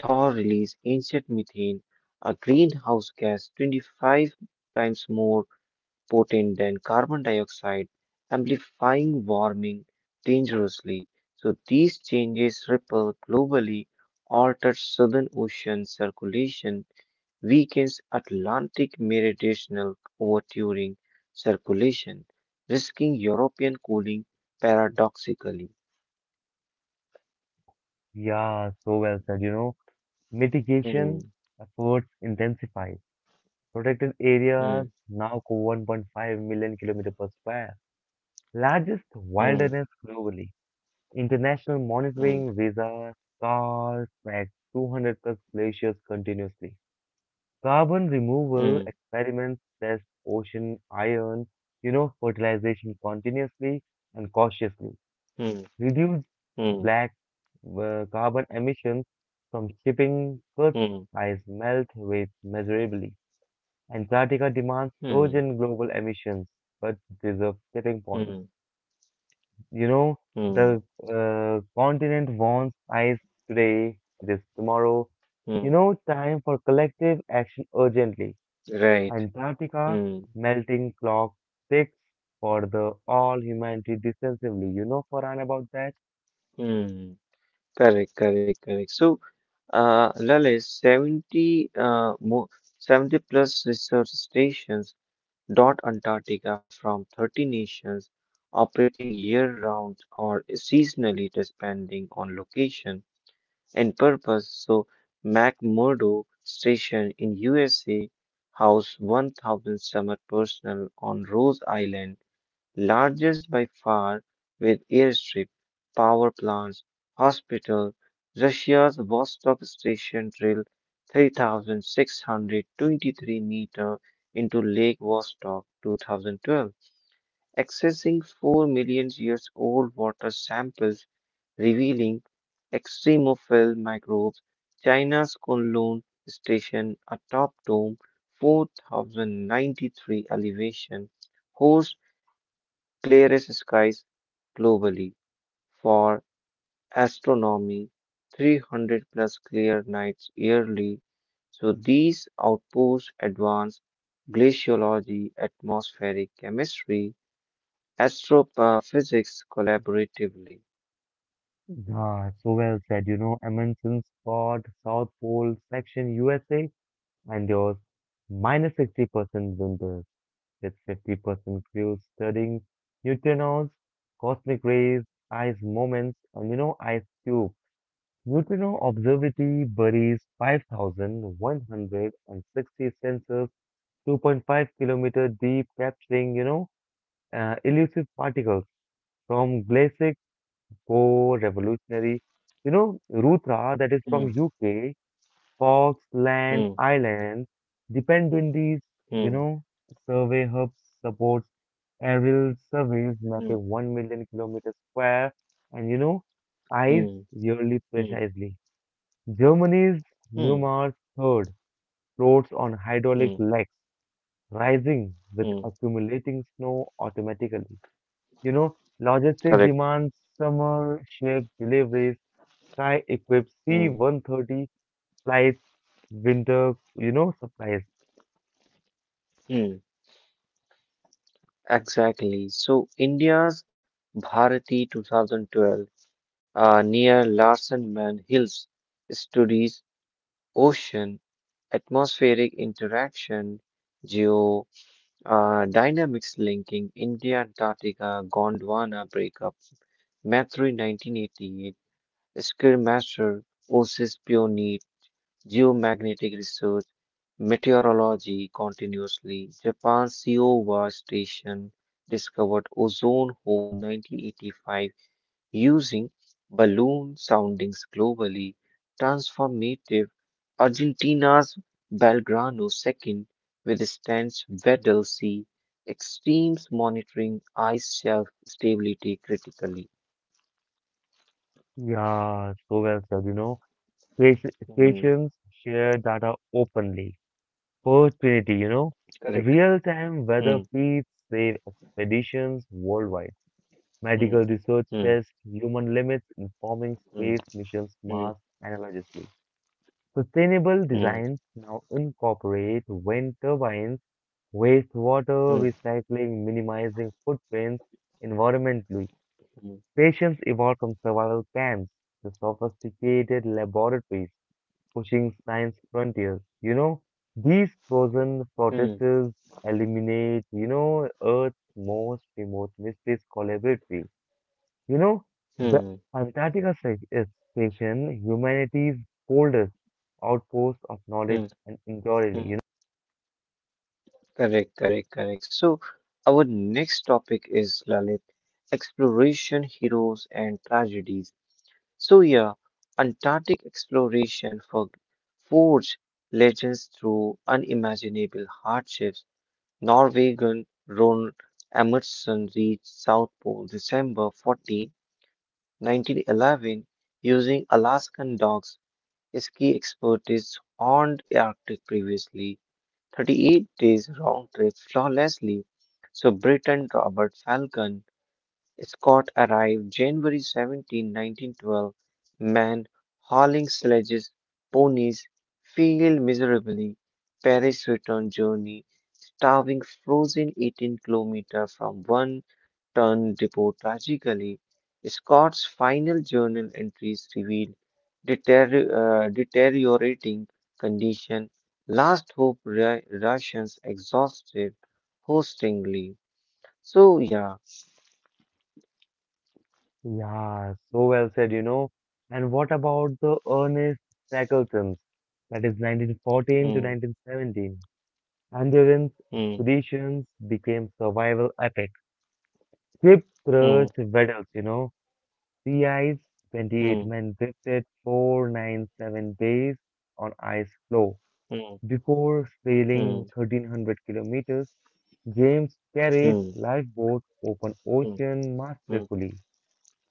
[SPEAKER 2] Thaw release ancient methane, a greenhouse gas 25 times more potent than carbon dioxide, amplifying warming dangerously. So these changes ripple globally, alter southern ocean circulation, weakens Atlantic meridional overturing circulation, risking European cooling paradoxically.
[SPEAKER 1] Oh, yeah, so well said. You know,
[SPEAKER 2] Hmm,
[SPEAKER 1] mitigation efforts intensify. Protected areas
[SPEAKER 2] hmm,
[SPEAKER 1] now cover 1.5 million kilometer per square. Largest
[SPEAKER 2] hmm,
[SPEAKER 1] wilderness globally. International
[SPEAKER 2] hmm,
[SPEAKER 1] monitoring visa calls back 200 plus glaciers continuously. Carbon removal
[SPEAKER 2] hmm,
[SPEAKER 1] experiments test ocean iron, fertilization continuously and cautiously.
[SPEAKER 2] hmm,
[SPEAKER 1] Reduce
[SPEAKER 2] hmm,
[SPEAKER 1] black carbon emissions from shipping goods
[SPEAKER 2] hmm,
[SPEAKER 1] ice melt rates measurably. Antarctica demands
[SPEAKER 2] hmm,
[SPEAKER 1] urgent global emissions, but deserves tipping points.
[SPEAKER 2] hmm,
[SPEAKER 1] You know,
[SPEAKER 2] hmm,
[SPEAKER 1] the continent wants ice today, this tomorrow. You
[SPEAKER 2] hmm.
[SPEAKER 1] know, time for collective action urgently.
[SPEAKER 2] Right.
[SPEAKER 1] Antarctica
[SPEAKER 2] Hmm,
[SPEAKER 1] melting clock ticks for the all humanity decisively. You know, Farhan, about that?
[SPEAKER 2] hmm. Correct, correct, correct. So, Lalit, 70 plus research stations dot Antarctica from 30 nations operating year-round or seasonally depending on location and purpose. So McMurdo Station in USA house 1,000 summer personnel on Rose Island largest by far, with airstrip, power plants, hospital. Russia's Vostok station drilled 3,623 meter into Lake Vostok 2012, accessing 4 million years old water samples revealing extremophile microbes. China's Kunlun station atop dome 4093 elevation hosts clearest skies globally for astronomy, 300 plus clear nights yearly. So these outposts advance glaciology, atmospheric chemistry, astrophysics collaboratively.
[SPEAKER 1] Ah, so well said. You know, Amundsen Scott, South Pole section USA, and yours 60% winter, with 50% crews studying neutrinos, cosmic rays, ice moments, and ice cube. Neutrino Observatory buries 5,160 sensors 2.5-kilometer deep, capturing, elusive particles from Glacic Core Revolutionary. You know, Ruthra, that is
[SPEAKER 2] Hmm.
[SPEAKER 1] from UK, Falkland
[SPEAKER 2] Hmm.
[SPEAKER 1] Island Dependencies, you
[SPEAKER 2] Hmm.
[SPEAKER 1] know, Survey Hub supports aerial surveys mapping 1 million kilometers square and, ice
[SPEAKER 2] Hmm.
[SPEAKER 1] yearly
[SPEAKER 2] Hmm. Hmm.
[SPEAKER 1] precisely. Germany's
[SPEAKER 2] Hmm.
[SPEAKER 1] Neumar's third floats on hydraulic
[SPEAKER 2] Hmm.
[SPEAKER 1] legs, rising with
[SPEAKER 2] Mm.
[SPEAKER 1] accumulating snow automatically. You know, logistic
[SPEAKER 2] Correct.
[SPEAKER 1] demands, summer shift deliveries, Sky equipped
[SPEAKER 2] Hmm.
[SPEAKER 1] C-130 supplies, winter supplies.
[SPEAKER 2] Hmm. Exactly. So India's Bharati 2012 near Larsen Man Hills studies ocean atmospheric interaction, geo dynamics linking India Antarctica Gondwana breakup, Mathuri 1988, Skirmasher, Osis Pioneer, geomagnetic research, meteorology continuously, Japan's Kiowa station discovered ozone hole 1985 using balloon soundings globally transformative. Argentina's Belgrano second with stance Weddell C. Extremes monitoring ice shelf stability critically.
[SPEAKER 1] Yeah, so well said, Station-
[SPEAKER 2] Mm,
[SPEAKER 1] Stations share data openly. Opportunity, you know.
[SPEAKER 2] correct.
[SPEAKER 1] Real-time weather
[SPEAKER 2] Hmm.
[SPEAKER 1] feeds save expeditions worldwide. Medical
[SPEAKER 2] Hmm.
[SPEAKER 1] research
[SPEAKER 2] Hmm.
[SPEAKER 1] tests human limits, informing space
[SPEAKER 2] Hmm.
[SPEAKER 1] missions mass
[SPEAKER 2] Hmm.
[SPEAKER 1] analogously. Sustainable
[SPEAKER 2] Hmm.
[SPEAKER 1] designs now incorporate wind turbines, wastewater
[SPEAKER 2] Hmm.
[SPEAKER 1] recycling, minimizing footprints environmentally.
[SPEAKER 2] Hmm.
[SPEAKER 1] Patients evolved from survival camps to sophisticated laboratories pushing science frontiers. You know, these frozen
[SPEAKER 2] Hmm.
[SPEAKER 1] protesters eliminate, Earth's most remote mysteries collaboratively. You know, the
[SPEAKER 2] Mm,
[SPEAKER 1] Antarctica is station, humanity's coldest outpost of knowledge
[SPEAKER 2] mm,
[SPEAKER 1] and inquiry, you
[SPEAKER 2] mm. Correct, correct, correct. So, our next topic is Lalit exploration, heroes, and tragedies. So yeah, Antarctic exploration for forged legends through unimaginable hardships. Norwegian Ron Amundsen reached South Pole December 14, 1911 using Alaskan dogs. Ski expertise on the Arctic previously. 38 days round trip flawlessly. So Britain Robert Falcon Scott arrived January 17, 1912, men hauling sledges, ponies, failed miserably. Paris return journey, starving frozen 18-kilometer from one ton depot tragically. Scott's final journal entries reveal deter- deteriorating condition, last hope Russians exhausted, hostingly. So yeah,
[SPEAKER 1] know. Yeah, so well said, And what about the Ernest Shackleton's? That is 1914 to
[SPEAKER 2] hmm,
[SPEAKER 1] 1917. Endurance
[SPEAKER 2] hmm,
[SPEAKER 1] expeditions became survival epic. Ship
[SPEAKER 2] hmm.
[SPEAKER 1] crushed vessels, you know. Sea ice, 28
[SPEAKER 2] Mm,
[SPEAKER 1] men drifted 497 days on ice floe.
[SPEAKER 2] mm,
[SPEAKER 1] Before
[SPEAKER 2] mm,
[SPEAKER 1] sailing 1300 kilometers, James carried
[SPEAKER 2] mm,
[SPEAKER 1] lifeboats open
[SPEAKER 2] mm,
[SPEAKER 1] ocean
[SPEAKER 2] mm,
[SPEAKER 1] masterfully.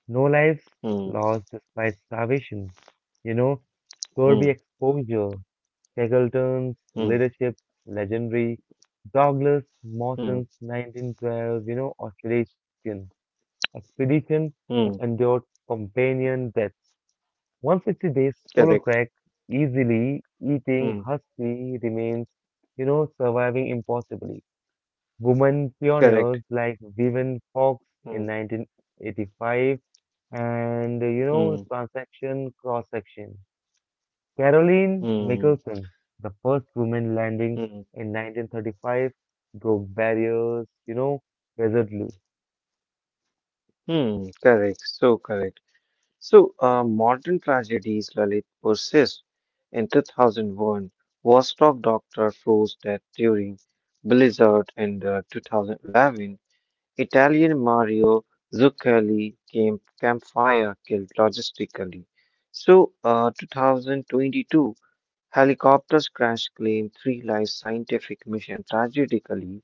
[SPEAKER 1] No lives
[SPEAKER 2] mm,
[SPEAKER 1] lost despite starvation, you know, scurvy
[SPEAKER 2] mm,
[SPEAKER 1] exposure, Shackleton's
[SPEAKER 2] mm,
[SPEAKER 1] leadership, legendary. Douglas
[SPEAKER 2] mm,
[SPEAKER 1] Mawson's 1912, Australasian expedition and
[SPEAKER 2] mm.
[SPEAKER 1] endured companion deaths. 160 days solo
[SPEAKER 2] Correct.
[SPEAKER 1] trek, easily eating
[SPEAKER 2] Mm,
[SPEAKER 1] husky remains, surviving impossibly. Women
[SPEAKER 2] correct.
[SPEAKER 1] pioneers like Vivian Fox in
[SPEAKER 2] Mm,
[SPEAKER 1] 1985 and,
[SPEAKER 2] mm,
[SPEAKER 1] transaction cross section. Caroline
[SPEAKER 2] mm,
[SPEAKER 1] Michelson, the first woman landing
[SPEAKER 2] mm,
[SPEAKER 1] in 1935, broke barriers, resolutely.
[SPEAKER 2] mm. Correct. So correct. So, modern tragedies, Lalit, persist. In 2001, Vostok doctor froze death during blizzard in the 2011. Italian Mario Zucchelli came campfire killed logistically. So, 2022 helicopters crash claimed three lives scientific mission tragically.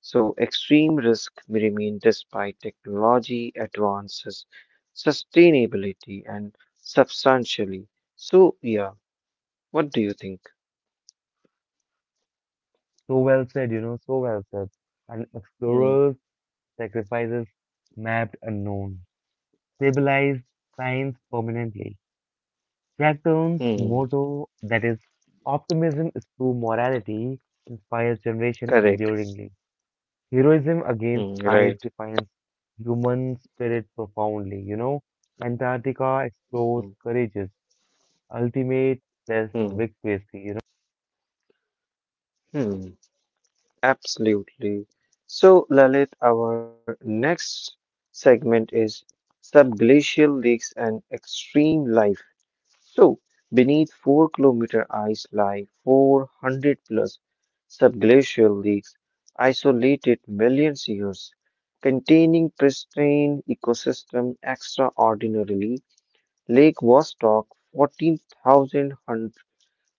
[SPEAKER 2] So, extreme risk remain despite technology advances, sustainability, and substantially. So, yeah, what do you think?
[SPEAKER 1] So well said, so well said. An
[SPEAKER 2] Hmm,
[SPEAKER 1] explorer's sacrifices mapped unknown, stabilized science permanently. Jackton's
[SPEAKER 2] hmm,
[SPEAKER 1] motto that is optimism is true morality inspires generation
[SPEAKER 2] correct.
[SPEAKER 1] enduringly. Heroism against
[SPEAKER 2] Hmm,
[SPEAKER 1] ice
[SPEAKER 2] right.
[SPEAKER 1] defines human spirit profoundly, you know. Antarctica explores
[SPEAKER 2] Hmm,
[SPEAKER 1] courage's ultimate best
[SPEAKER 2] hmm,
[SPEAKER 1] victory, you know.
[SPEAKER 2] hmm. Absolutely. So, Lalit, our next segment is subglacial lakes and extreme life. So, beneath 4-kilometer ice lie 400 plus subglacial lakes, isolated millions years, containing pristine ecosystem extraordinarily. Lake Vostok 14,000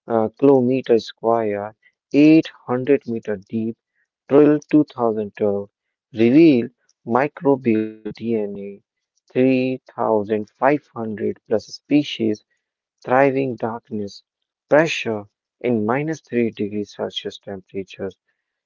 [SPEAKER 2] kilometer square, 800-meter deep, drill 2012, reveal microbial DNA, 3,500 plus species thriving darkness, pressure in minus 3 degrees Celsius temperatures.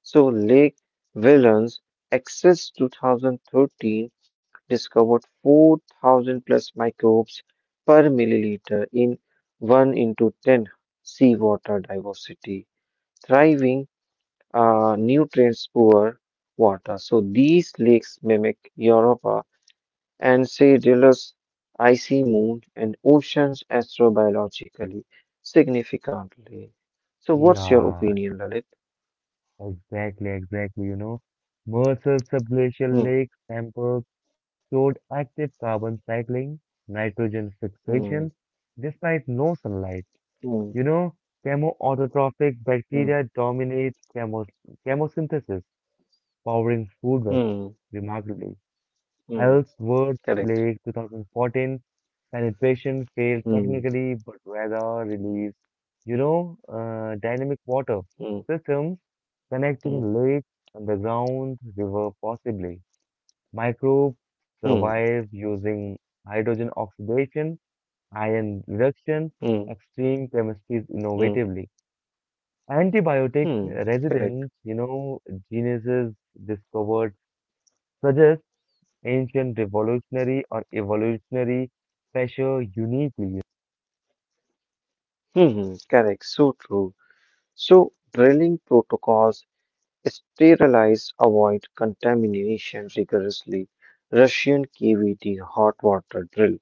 [SPEAKER 2] So Lake Willans Access 2013 discovered 4,000 plus microbes per milliliter in 1 into 10 seawater diversity, thriving nutrients poor water. So these lakes mimic Europe and sea drills, icy moon, and oceans astrobiologically significantly. So, what's your
[SPEAKER 1] Yeah,
[SPEAKER 2] opinion, Lalit?
[SPEAKER 1] exactly, you know. Mercer subglacial
[SPEAKER 2] Hmm,
[SPEAKER 1] lake samples showed active carbon cycling, nitrogen
[SPEAKER 2] hmm,
[SPEAKER 1] fixation, despite no sunlight.
[SPEAKER 2] hmm,
[SPEAKER 1] You know, chemoautotrophic
[SPEAKER 2] hmm,
[SPEAKER 1] bacteria dominate chemosynthesis, powering food webs
[SPEAKER 2] hmm,
[SPEAKER 1] remarkably.
[SPEAKER 2] hmm,
[SPEAKER 1] Ellsworth
[SPEAKER 2] correct.
[SPEAKER 1] Lake 2014 penetration failed
[SPEAKER 2] Hmm,
[SPEAKER 1] technically, but rather released, dynamic water
[SPEAKER 2] hmm,
[SPEAKER 1] systems
[SPEAKER 2] hmm,
[SPEAKER 1] connecting lakes, underground, river possibly. Microbes
[SPEAKER 2] hmm,
[SPEAKER 1] survive using hydrogen oxidation, iron reduction,
[SPEAKER 2] hmm,
[SPEAKER 1] extreme chemistries
[SPEAKER 2] hmm,
[SPEAKER 1] innovatively. Antibiotic
[SPEAKER 2] hmm, correct.
[SPEAKER 1] resident, geniuses discovered suggest ancient revolutionary or evolutionary pressure uniquely.
[SPEAKER 2] Hmm, hmm, correct. So true. So, drilling protocols sterilize, avoid contamination rigorously. Russian KVD hot water drill.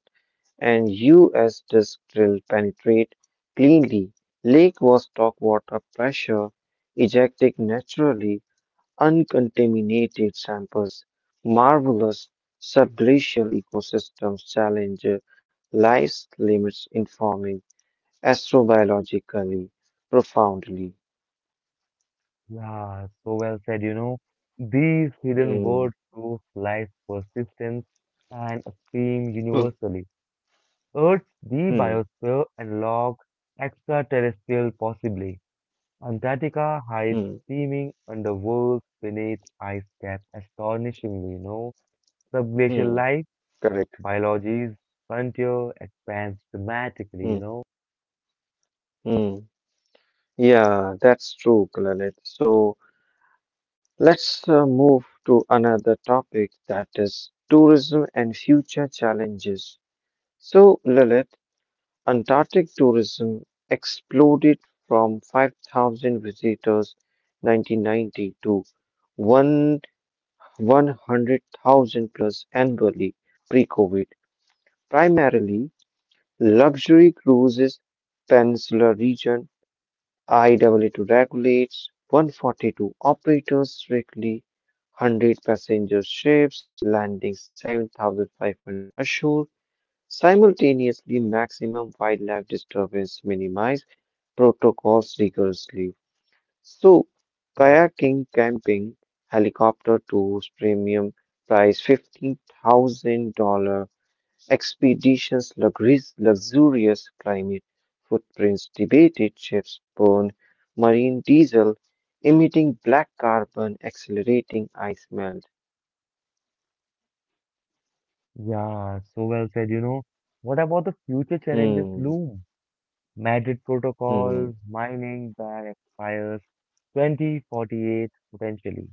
[SPEAKER 2] And US disk drill penetrate cleanly. Lake was stock water pressure, ejecting naturally uncontaminated samples. Marvelous subglacial ecosystems challenge life's limits, informing astrobiologically profoundly.
[SPEAKER 1] Yeah, so well said, you know. These hidden
[SPEAKER 2] Hmm.
[SPEAKER 1] words prove life's persistence and stream
[SPEAKER 2] Hmm.
[SPEAKER 1] universally. Earth's the
[SPEAKER 2] Hmm.
[SPEAKER 1] biosphere and log extraterrestrial possibly. Antarctica hides
[SPEAKER 2] Hmm.
[SPEAKER 1] steaming underworlds beneath ice caps astonishingly, you know. Subglacial
[SPEAKER 2] Hmm,
[SPEAKER 1] life,
[SPEAKER 2] correct.
[SPEAKER 1] biology's frontier expands dramatically, you
[SPEAKER 2] Hmm.
[SPEAKER 1] know.
[SPEAKER 2] Hmm. Yeah, that's true, Kalanet. So let's move to another topic that is tourism and future challenges. So, Lilith, Antarctic tourism exploded from 5,000 visitors 1990 to 1 100,000 plus annually pre-COVID, primarily luxury cruises, peninsula region, IEEE regulates 142 operators strictly, 100 passenger ships landing 7,500 ashore simultaneously, maximum wildlife disturbance, minimized. Protocols rigorously. So, kayaking, camping, helicopter tours, premium price $15,000 expeditions, luxurious climate footprints, debated ships burn, marine diesel, emitting black carbon, accelerating ice melt.
[SPEAKER 1] Yeah, so well said. You know, what about the future challenges
[SPEAKER 2] Hmm,
[SPEAKER 1] loom? Madrid
[SPEAKER 2] hmm,
[SPEAKER 1] Protocol, mining ban expires 2048 potentially.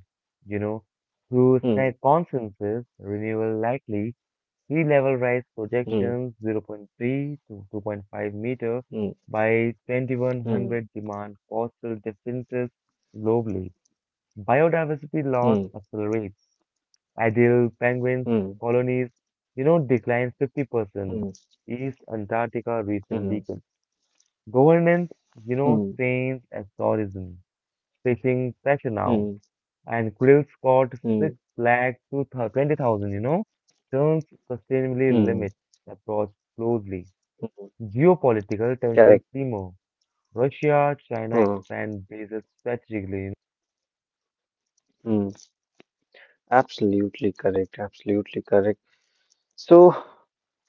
[SPEAKER 1] You know, through
[SPEAKER 2] hmm,
[SPEAKER 1] SNAC consensus, renewal likely, sea level rise
[SPEAKER 2] hmm,
[SPEAKER 1] projections 0 0.3 to 2.5 meter
[SPEAKER 2] hmm,
[SPEAKER 1] by 2100 demand coastal defenses globally. Biodiversity loss
[SPEAKER 2] hmm,
[SPEAKER 1] accelerates. Ideal penguins
[SPEAKER 2] hmm, hmm,
[SPEAKER 1] colonies, declined
[SPEAKER 2] hmm,
[SPEAKER 1] 50%. East Antarctica recent
[SPEAKER 2] hmm,
[SPEAKER 1] decades. Governance, strains as tourism. Fishing pressure now.
[SPEAKER 2] hmm,
[SPEAKER 1] And krill spot
[SPEAKER 2] hmm,
[SPEAKER 1] 6 lakh to 20,000. Turns sustainably
[SPEAKER 2] hmm,
[SPEAKER 1] limit approach closely.
[SPEAKER 2] hmm.
[SPEAKER 1] Geopolitical tensions
[SPEAKER 2] Correct.
[SPEAKER 1] simmer. Russia, China
[SPEAKER 2] Hmm,
[SPEAKER 1] expand bases strategically.
[SPEAKER 2] hmm. Absolutely correct. Absolutely correct. So,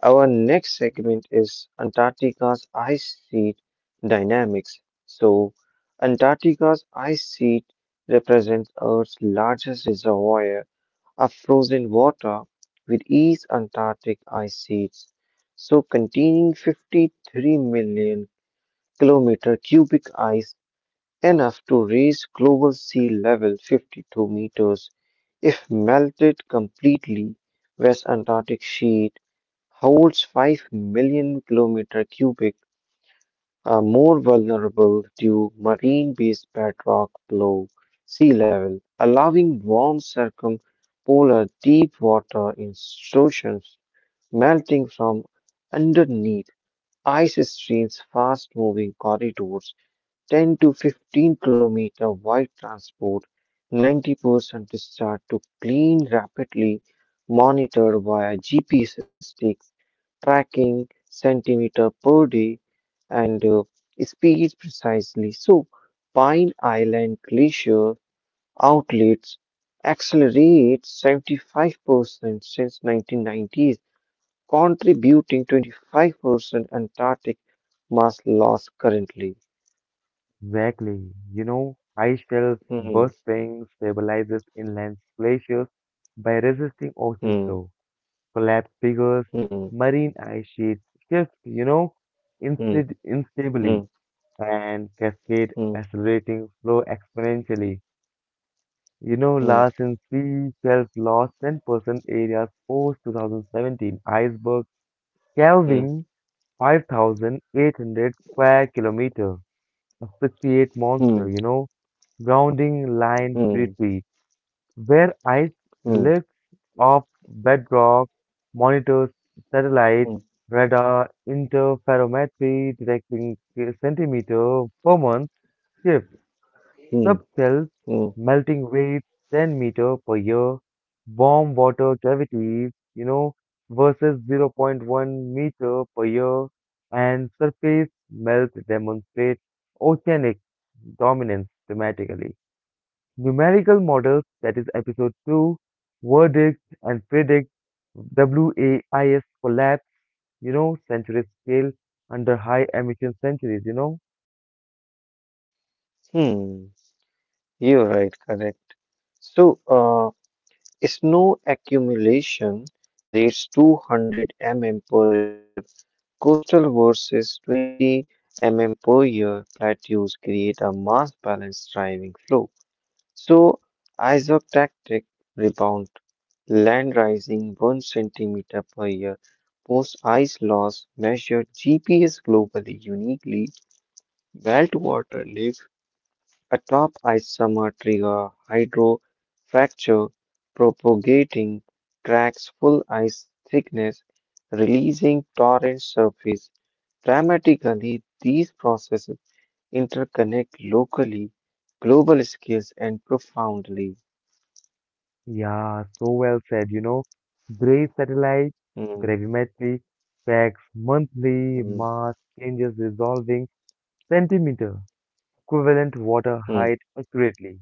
[SPEAKER 2] our next segment is Antarctica's ice sheet dynamics. So, Antarctica's ice sheet represents Earth's largest reservoir of frozen water, with East Antarctic ice sheets, so containing 53 million kilometer cubic ice, enough to raise global sea level 52 meters. If melted completely, West Antarctic sheet holds 5 million kilometer cubic are more vulnerable to marine-based bedrock below sea level, allowing warm circumpolar deep water in oceans melting from underneath ice streams fast-moving corridors 10 to 15 kilometer wide transport 90% discharge to clean rapidly monitored via GPS stick tracking centimeter per day and speed precisely. So, Pine Island Glacier outlets accelerate 75% since 1990s, contributing 25% Antarctic mass loss currently.
[SPEAKER 1] Exactly. You know, high shelf
[SPEAKER 2] Hmm,
[SPEAKER 1] bursting stabilizes inland glaciers by resisting ocean
[SPEAKER 2] hmm,
[SPEAKER 1] flow, collapse figures,
[SPEAKER 2] hmm,
[SPEAKER 1] marine ice sheets shift,
[SPEAKER 2] hmm,
[SPEAKER 1] instead instably
[SPEAKER 2] hmm,
[SPEAKER 1] and cascade
[SPEAKER 2] hmm, hmm,
[SPEAKER 1] accelerating flow exponentially. You know,
[SPEAKER 2] hmm,
[SPEAKER 1] Larsen sea shelf lost 10% areas post 2017 iceberg
[SPEAKER 2] hmm,
[SPEAKER 1] calving 5,800 square kilometer. Asphyxiate monster,
[SPEAKER 2] hmm,
[SPEAKER 1] you know. Grounding line
[SPEAKER 2] hmm,
[SPEAKER 1] retreat, where ice lifts off bedrock, monitors satellite,
[SPEAKER 2] hmm,
[SPEAKER 1] radar, interferometry, detecting centimeter per month shifts,
[SPEAKER 2] hmm,
[SPEAKER 1] subcells,
[SPEAKER 2] hmm,
[SPEAKER 1] melting rates 10 meter per year, warm water cavities, versus 0 0.1 meter per year, and surface melt demonstrate oceanic dominance dramatically. Numerical models, that is episode 2, verdicts and predict, WAIS collapse, century scale under high emission centuries, you know.
[SPEAKER 2] hmm. You're right, correct. So, snow accumulation rates 200 mm per year coastal versus 20 mm per year plateaus create a mass balance driving flow. So, isotactic rebound land rising 1 centimeter per year post ice loss measured GPS globally uniquely well to water level a atop isomers trigger hydrofracture, propagating cracks full ice thickness, releasing torrent surface. Dramatically, these processes interconnect locally, global scales, and profoundly.
[SPEAKER 1] Yeah, so well said, you know. Gray satellite,
[SPEAKER 2] Hmm,
[SPEAKER 1] gravimetry, facts, monthly,
[SPEAKER 2] hmm,
[SPEAKER 1] mass changes resolving, centimeter, equivalent water
[SPEAKER 2] hmm,
[SPEAKER 1] height accurately.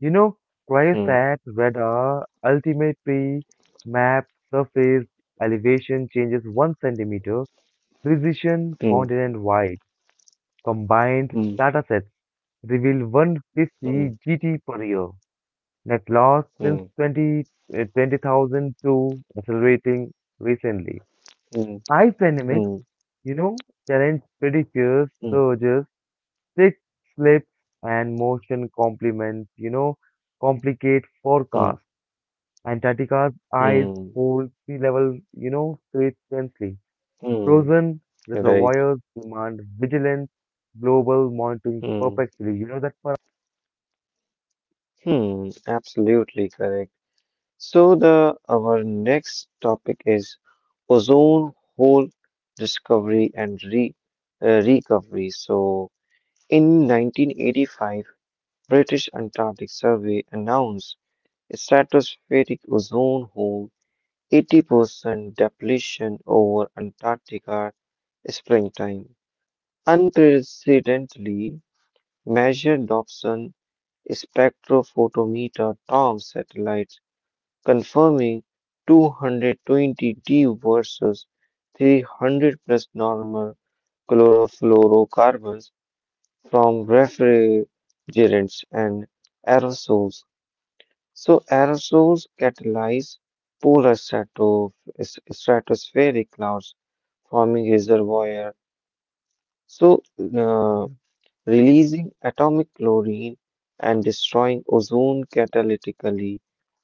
[SPEAKER 1] You know, Cryosat radar ultimately map surface elevation changes 1 centimeter, precision
[SPEAKER 2] hmm,
[SPEAKER 1] continent wide. Combined
[SPEAKER 2] hmm,
[SPEAKER 1] datasets reveal
[SPEAKER 2] hmm, hmm,
[SPEAKER 1] 150
[SPEAKER 2] hmm, hmm,
[SPEAKER 1] GT per year. Net loss since 20,002 accelerating recently. Ice dynamics,
[SPEAKER 2] hmm,
[SPEAKER 1] you know, challenge pretty fierce surges, thick slips, and motion complement, complicate
[SPEAKER 2] hmm,
[SPEAKER 1] forecast. Antarctica's ice
[SPEAKER 2] hmm, hmm,
[SPEAKER 1] holds sea level, creates densely.
[SPEAKER 2] hmm.
[SPEAKER 1] Frozen
[SPEAKER 2] Right.
[SPEAKER 1] reservoirs demand vigilant global monitoring
[SPEAKER 2] Hmm.
[SPEAKER 1] perpetually. You know that for us?
[SPEAKER 2] Hmm. Absolutely correct. So the our next topic is ozone hole discovery and recovery. So in 1985, British Antarctic Survey announced stratospheric ozone hole 80% depletion over Antarctica springtime. Unprecedentedly measured Dobson spectrophotometer TOM satellite confirming 220D versus 300 plus normal chlorofluorocarbons from refrigerants and aerosols. So, aerosols catalyze polar stratospheric clouds, forming reservoir. So, uh, releasing atomic chlorine and destroying ozone catalytically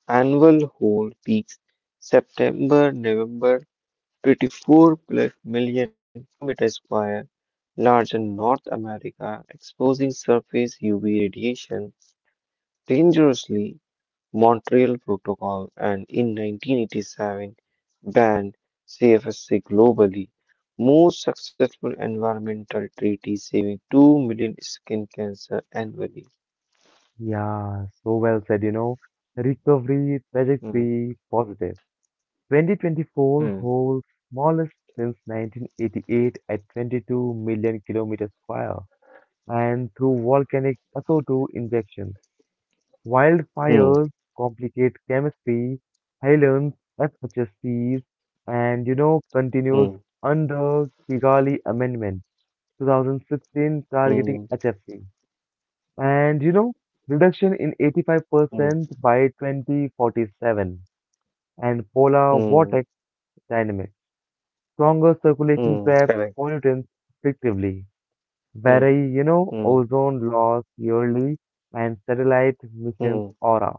[SPEAKER 2] annual hold peaks September November 24 plus million kilometers square larger North America exposing surface UV radiation dangerously Montreal Protocol and in 1987 banned CFSC globally most successful environmental treaty saving 2 million skin cancer annually.
[SPEAKER 1] Yeah, so well said, you know. Recovery
[SPEAKER 2] Hmm,
[SPEAKER 1] trajectory positive. 2024
[SPEAKER 2] hmm,
[SPEAKER 1] holds smallest since 1988 at 22 million kilometers square and through volcanic SO2 injection.
[SPEAKER 2] hmm,
[SPEAKER 1] Wildfires complicate chemistry, islands SHSCs, and continues
[SPEAKER 2] hmm,
[SPEAKER 1] under Kigali Amendment 2016
[SPEAKER 2] hmm,
[SPEAKER 1] targeting HFC and reduction in
[SPEAKER 2] hmm,
[SPEAKER 1] 85% by 2047 and polar
[SPEAKER 2] hmm.
[SPEAKER 1] vortex dynamics, stronger circulation
[SPEAKER 2] Mm,
[SPEAKER 1] traps
[SPEAKER 2] correct.
[SPEAKER 1] pollutants effectively,
[SPEAKER 2] Mm,
[SPEAKER 1] vary
[SPEAKER 2] mm,
[SPEAKER 1] ozone loss yearly and satellite missions
[SPEAKER 2] mm,
[SPEAKER 1] aura.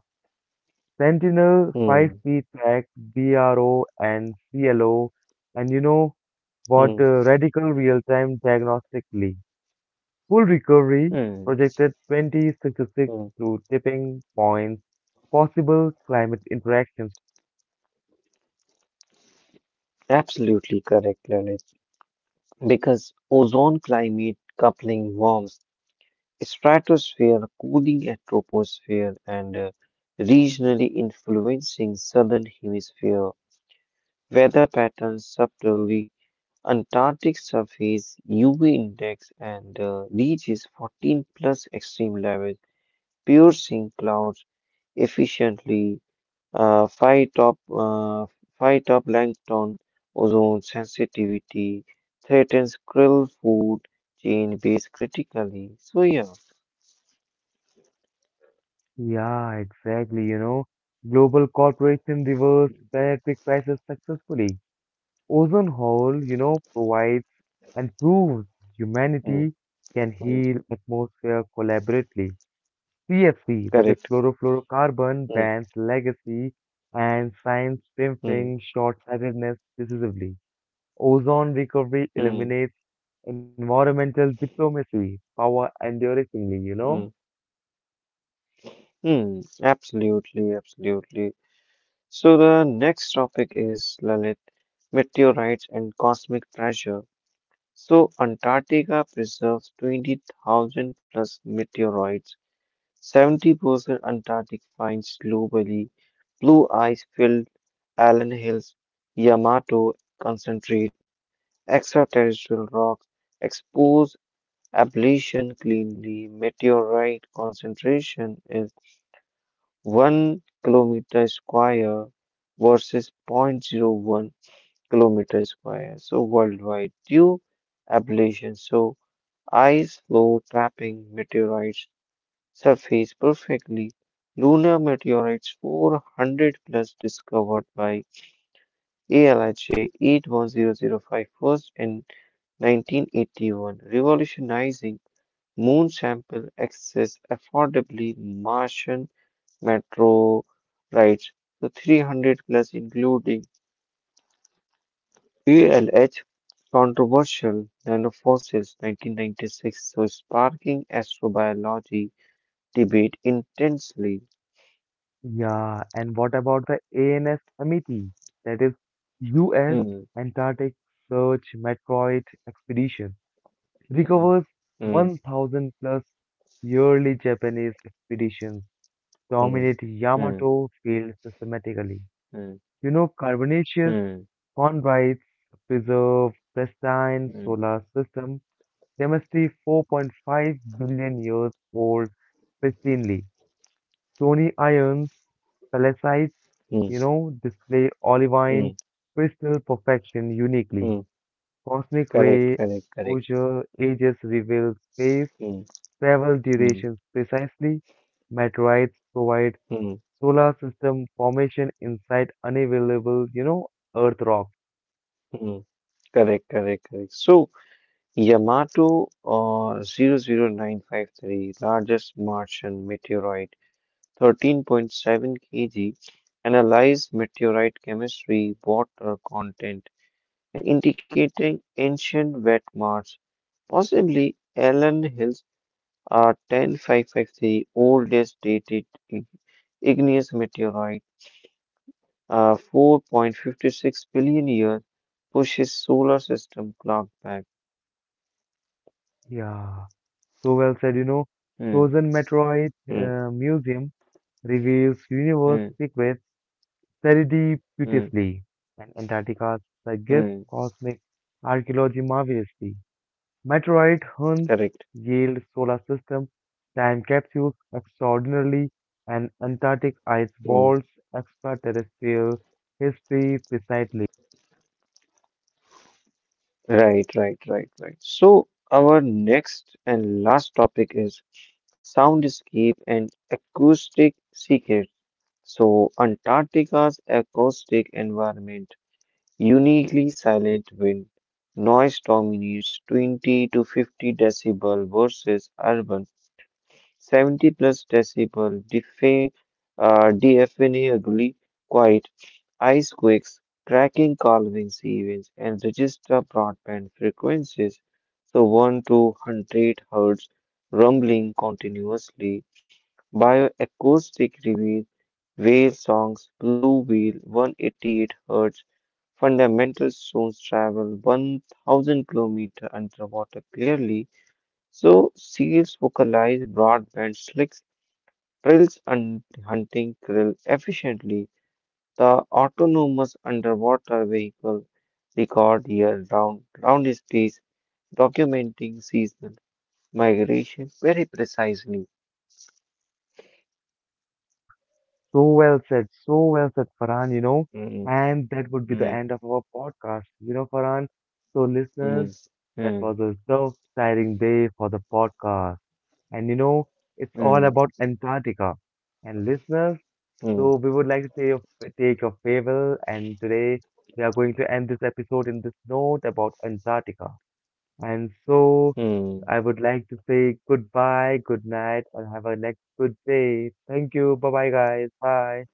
[SPEAKER 1] Sentinel, five
[SPEAKER 2] mm,
[SPEAKER 1] feet Feedback, BRO, and CLO, and you know what?
[SPEAKER 2] mm,
[SPEAKER 1] Radical real-time diagnostically. Full recovery
[SPEAKER 2] mm,
[SPEAKER 1] projected 2066
[SPEAKER 2] mm.
[SPEAKER 1] through tipping points, possible climate interactions.
[SPEAKER 2] Absolutely correct, Lalit. Because ozone climate coupling warms stratosphere, cooling at troposphere, and regionally influencing southern hemisphere weather patterns subtly. Antarctic surface UV index and reaches 14 plus extreme levels, piercing clouds efficiently. Uh, five top, uh, five top plankton, ozone sensitivity threatens krill food chain base critically. So yeah,
[SPEAKER 1] Yeah, exactly. You know, global corporation reverse planetary crisis successfully. Ozone hole, provides and proves
[SPEAKER 2] mm,
[SPEAKER 1] humanity can
[SPEAKER 2] mm,
[SPEAKER 1] heal atmosphere collaboratively. CFC, that is
[SPEAKER 2] correct.
[SPEAKER 1] chlorofluorocarbon,
[SPEAKER 2] Mm,
[SPEAKER 1] bans legacy and science
[SPEAKER 2] mm,
[SPEAKER 1] pimping short-sightedness decisively. Ozone recovery
[SPEAKER 2] mm,
[SPEAKER 1] eliminates environmental diplomacy, power enduringly, you
[SPEAKER 2] mm,
[SPEAKER 1] know?
[SPEAKER 2] mm, absolutely, absolutely. So the next topic is Lalit, meteorites and cosmic pressure. So Antarctica preserves 20,000 plus meteorites 70% Antarctic finds globally. Blue ice filled Allen Hills, Yamato concentrate, extraterrestrial rocks, exposed ablation cleanly, meteorite concentration is 1 kilometer square versus zero point zero 0.01-kilometer square. So worldwide due ablation. So ice flow trapping meteorites surface perfectly. Lunar meteorites 400 plus discovered by ALIJ 81005 first in 1981, revolutionizing moon sample access affordably Martian meteorites. The 300 plus including ALH controversial nanofossils 1996, so sparking astrobiology debate intensely.
[SPEAKER 1] Yeah, and what about the ANS Amity? That is U.S.
[SPEAKER 2] Hmm.
[SPEAKER 1] Antarctic Search Meteorite Expedition. Recovers
[SPEAKER 2] Mm, mm,
[SPEAKER 1] 1,000 plus yearly Japanese expeditions.
[SPEAKER 2] mm,
[SPEAKER 1] Dominate
[SPEAKER 2] mm,
[SPEAKER 1] Yamato field systematically.
[SPEAKER 2] mm,
[SPEAKER 1] You know, carbonaceous
[SPEAKER 2] mm,
[SPEAKER 1] chondrites preserve pristine
[SPEAKER 2] mm,
[SPEAKER 1] solar system. They must be 4.5 billion years old pristinely. Stony ions, salicylates,
[SPEAKER 2] mm,
[SPEAKER 1] display olivine
[SPEAKER 2] mm,
[SPEAKER 1] crystal perfection uniquely.
[SPEAKER 2] mm.
[SPEAKER 1] Cosmic
[SPEAKER 2] Correct,
[SPEAKER 1] ray
[SPEAKER 2] correct, correct.
[SPEAKER 1] exposure ages reveal space
[SPEAKER 2] Mm,
[SPEAKER 1] travel
[SPEAKER 2] mm,
[SPEAKER 1] durations precisely. Meteorites provide
[SPEAKER 2] mm,
[SPEAKER 1] solar system formation inside unavailable, Earth rock.
[SPEAKER 2] mm. Correct, correct, correct. So, Yamato 00953 largest Martian meteorite, 13.7 kg, analyze meteorite chemistry, water content, and indicating ancient wet Mars, possibly Allen Hill 10553, oldest dated igneous meteorite, 4.56 billion years, pushes solar system clock back.
[SPEAKER 1] Yeah, so well said. You know,
[SPEAKER 2] Hmm,
[SPEAKER 1] Frozen Metroid
[SPEAKER 2] hmm,
[SPEAKER 1] Museum reveals universe
[SPEAKER 2] hmm,
[SPEAKER 1] secrets
[SPEAKER 2] hmm,
[SPEAKER 1] serendipitously, and Antarctica
[SPEAKER 2] hmm.
[SPEAKER 1] suggests cosmic archaeology marvelously. Metroid hunts
[SPEAKER 2] Correct.
[SPEAKER 1] Yale solar system, time capsules extraordinarily, and Antarctic ice
[SPEAKER 2] Hmm.
[SPEAKER 1] walls extraterrestrial history precisely.
[SPEAKER 2] Right, right, right, right. So, our next and last topic is soundscape and acoustic secret. So, Antarctica's acoustic environment uniquely silent wind noise dominates 20 to 50 decibel versus urban 70 plus decibel deafeningly quiet ice quakes cracking calvings events and register broadband frequencies so 1 to 100 hertz rumbling continuously bioacoustic reveal whale songs, Blue Whale, 188 hertz fundamental stones travel 1,000 km underwater clearly. So seals vocalize broadband slicks, trills and hunting krill efficiently. The autonomous underwater vehicle record year round space documenting seasonal migration very precisely.
[SPEAKER 1] So well said, Farhan, you know.
[SPEAKER 2] Mm,
[SPEAKER 1] And that would be the
[SPEAKER 2] mm,
[SPEAKER 1] end of our podcast, you know, Farhan. So,
[SPEAKER 2] mm,
[SPEAKER 1] listeners, that
[SPEAKER 2] mm,
[SPEAKER 1] was a so exciting day for the podcast. And, you know, it's all
[SPEAKER 2] mm,
[SPEAKER 1] about Antarctica. And, listeners,
[SPEAKER 2] mm.
[SPEAKER 1] so we would like to take your farewell. And today, we are going to end this episode in this note about Antarctica. And so, I
[SPEAKER 2] Mm.
[SPEAKER 1] would like to say goodbye, good night, and have a next good day. Thank you. Bye bye, guys. Bye.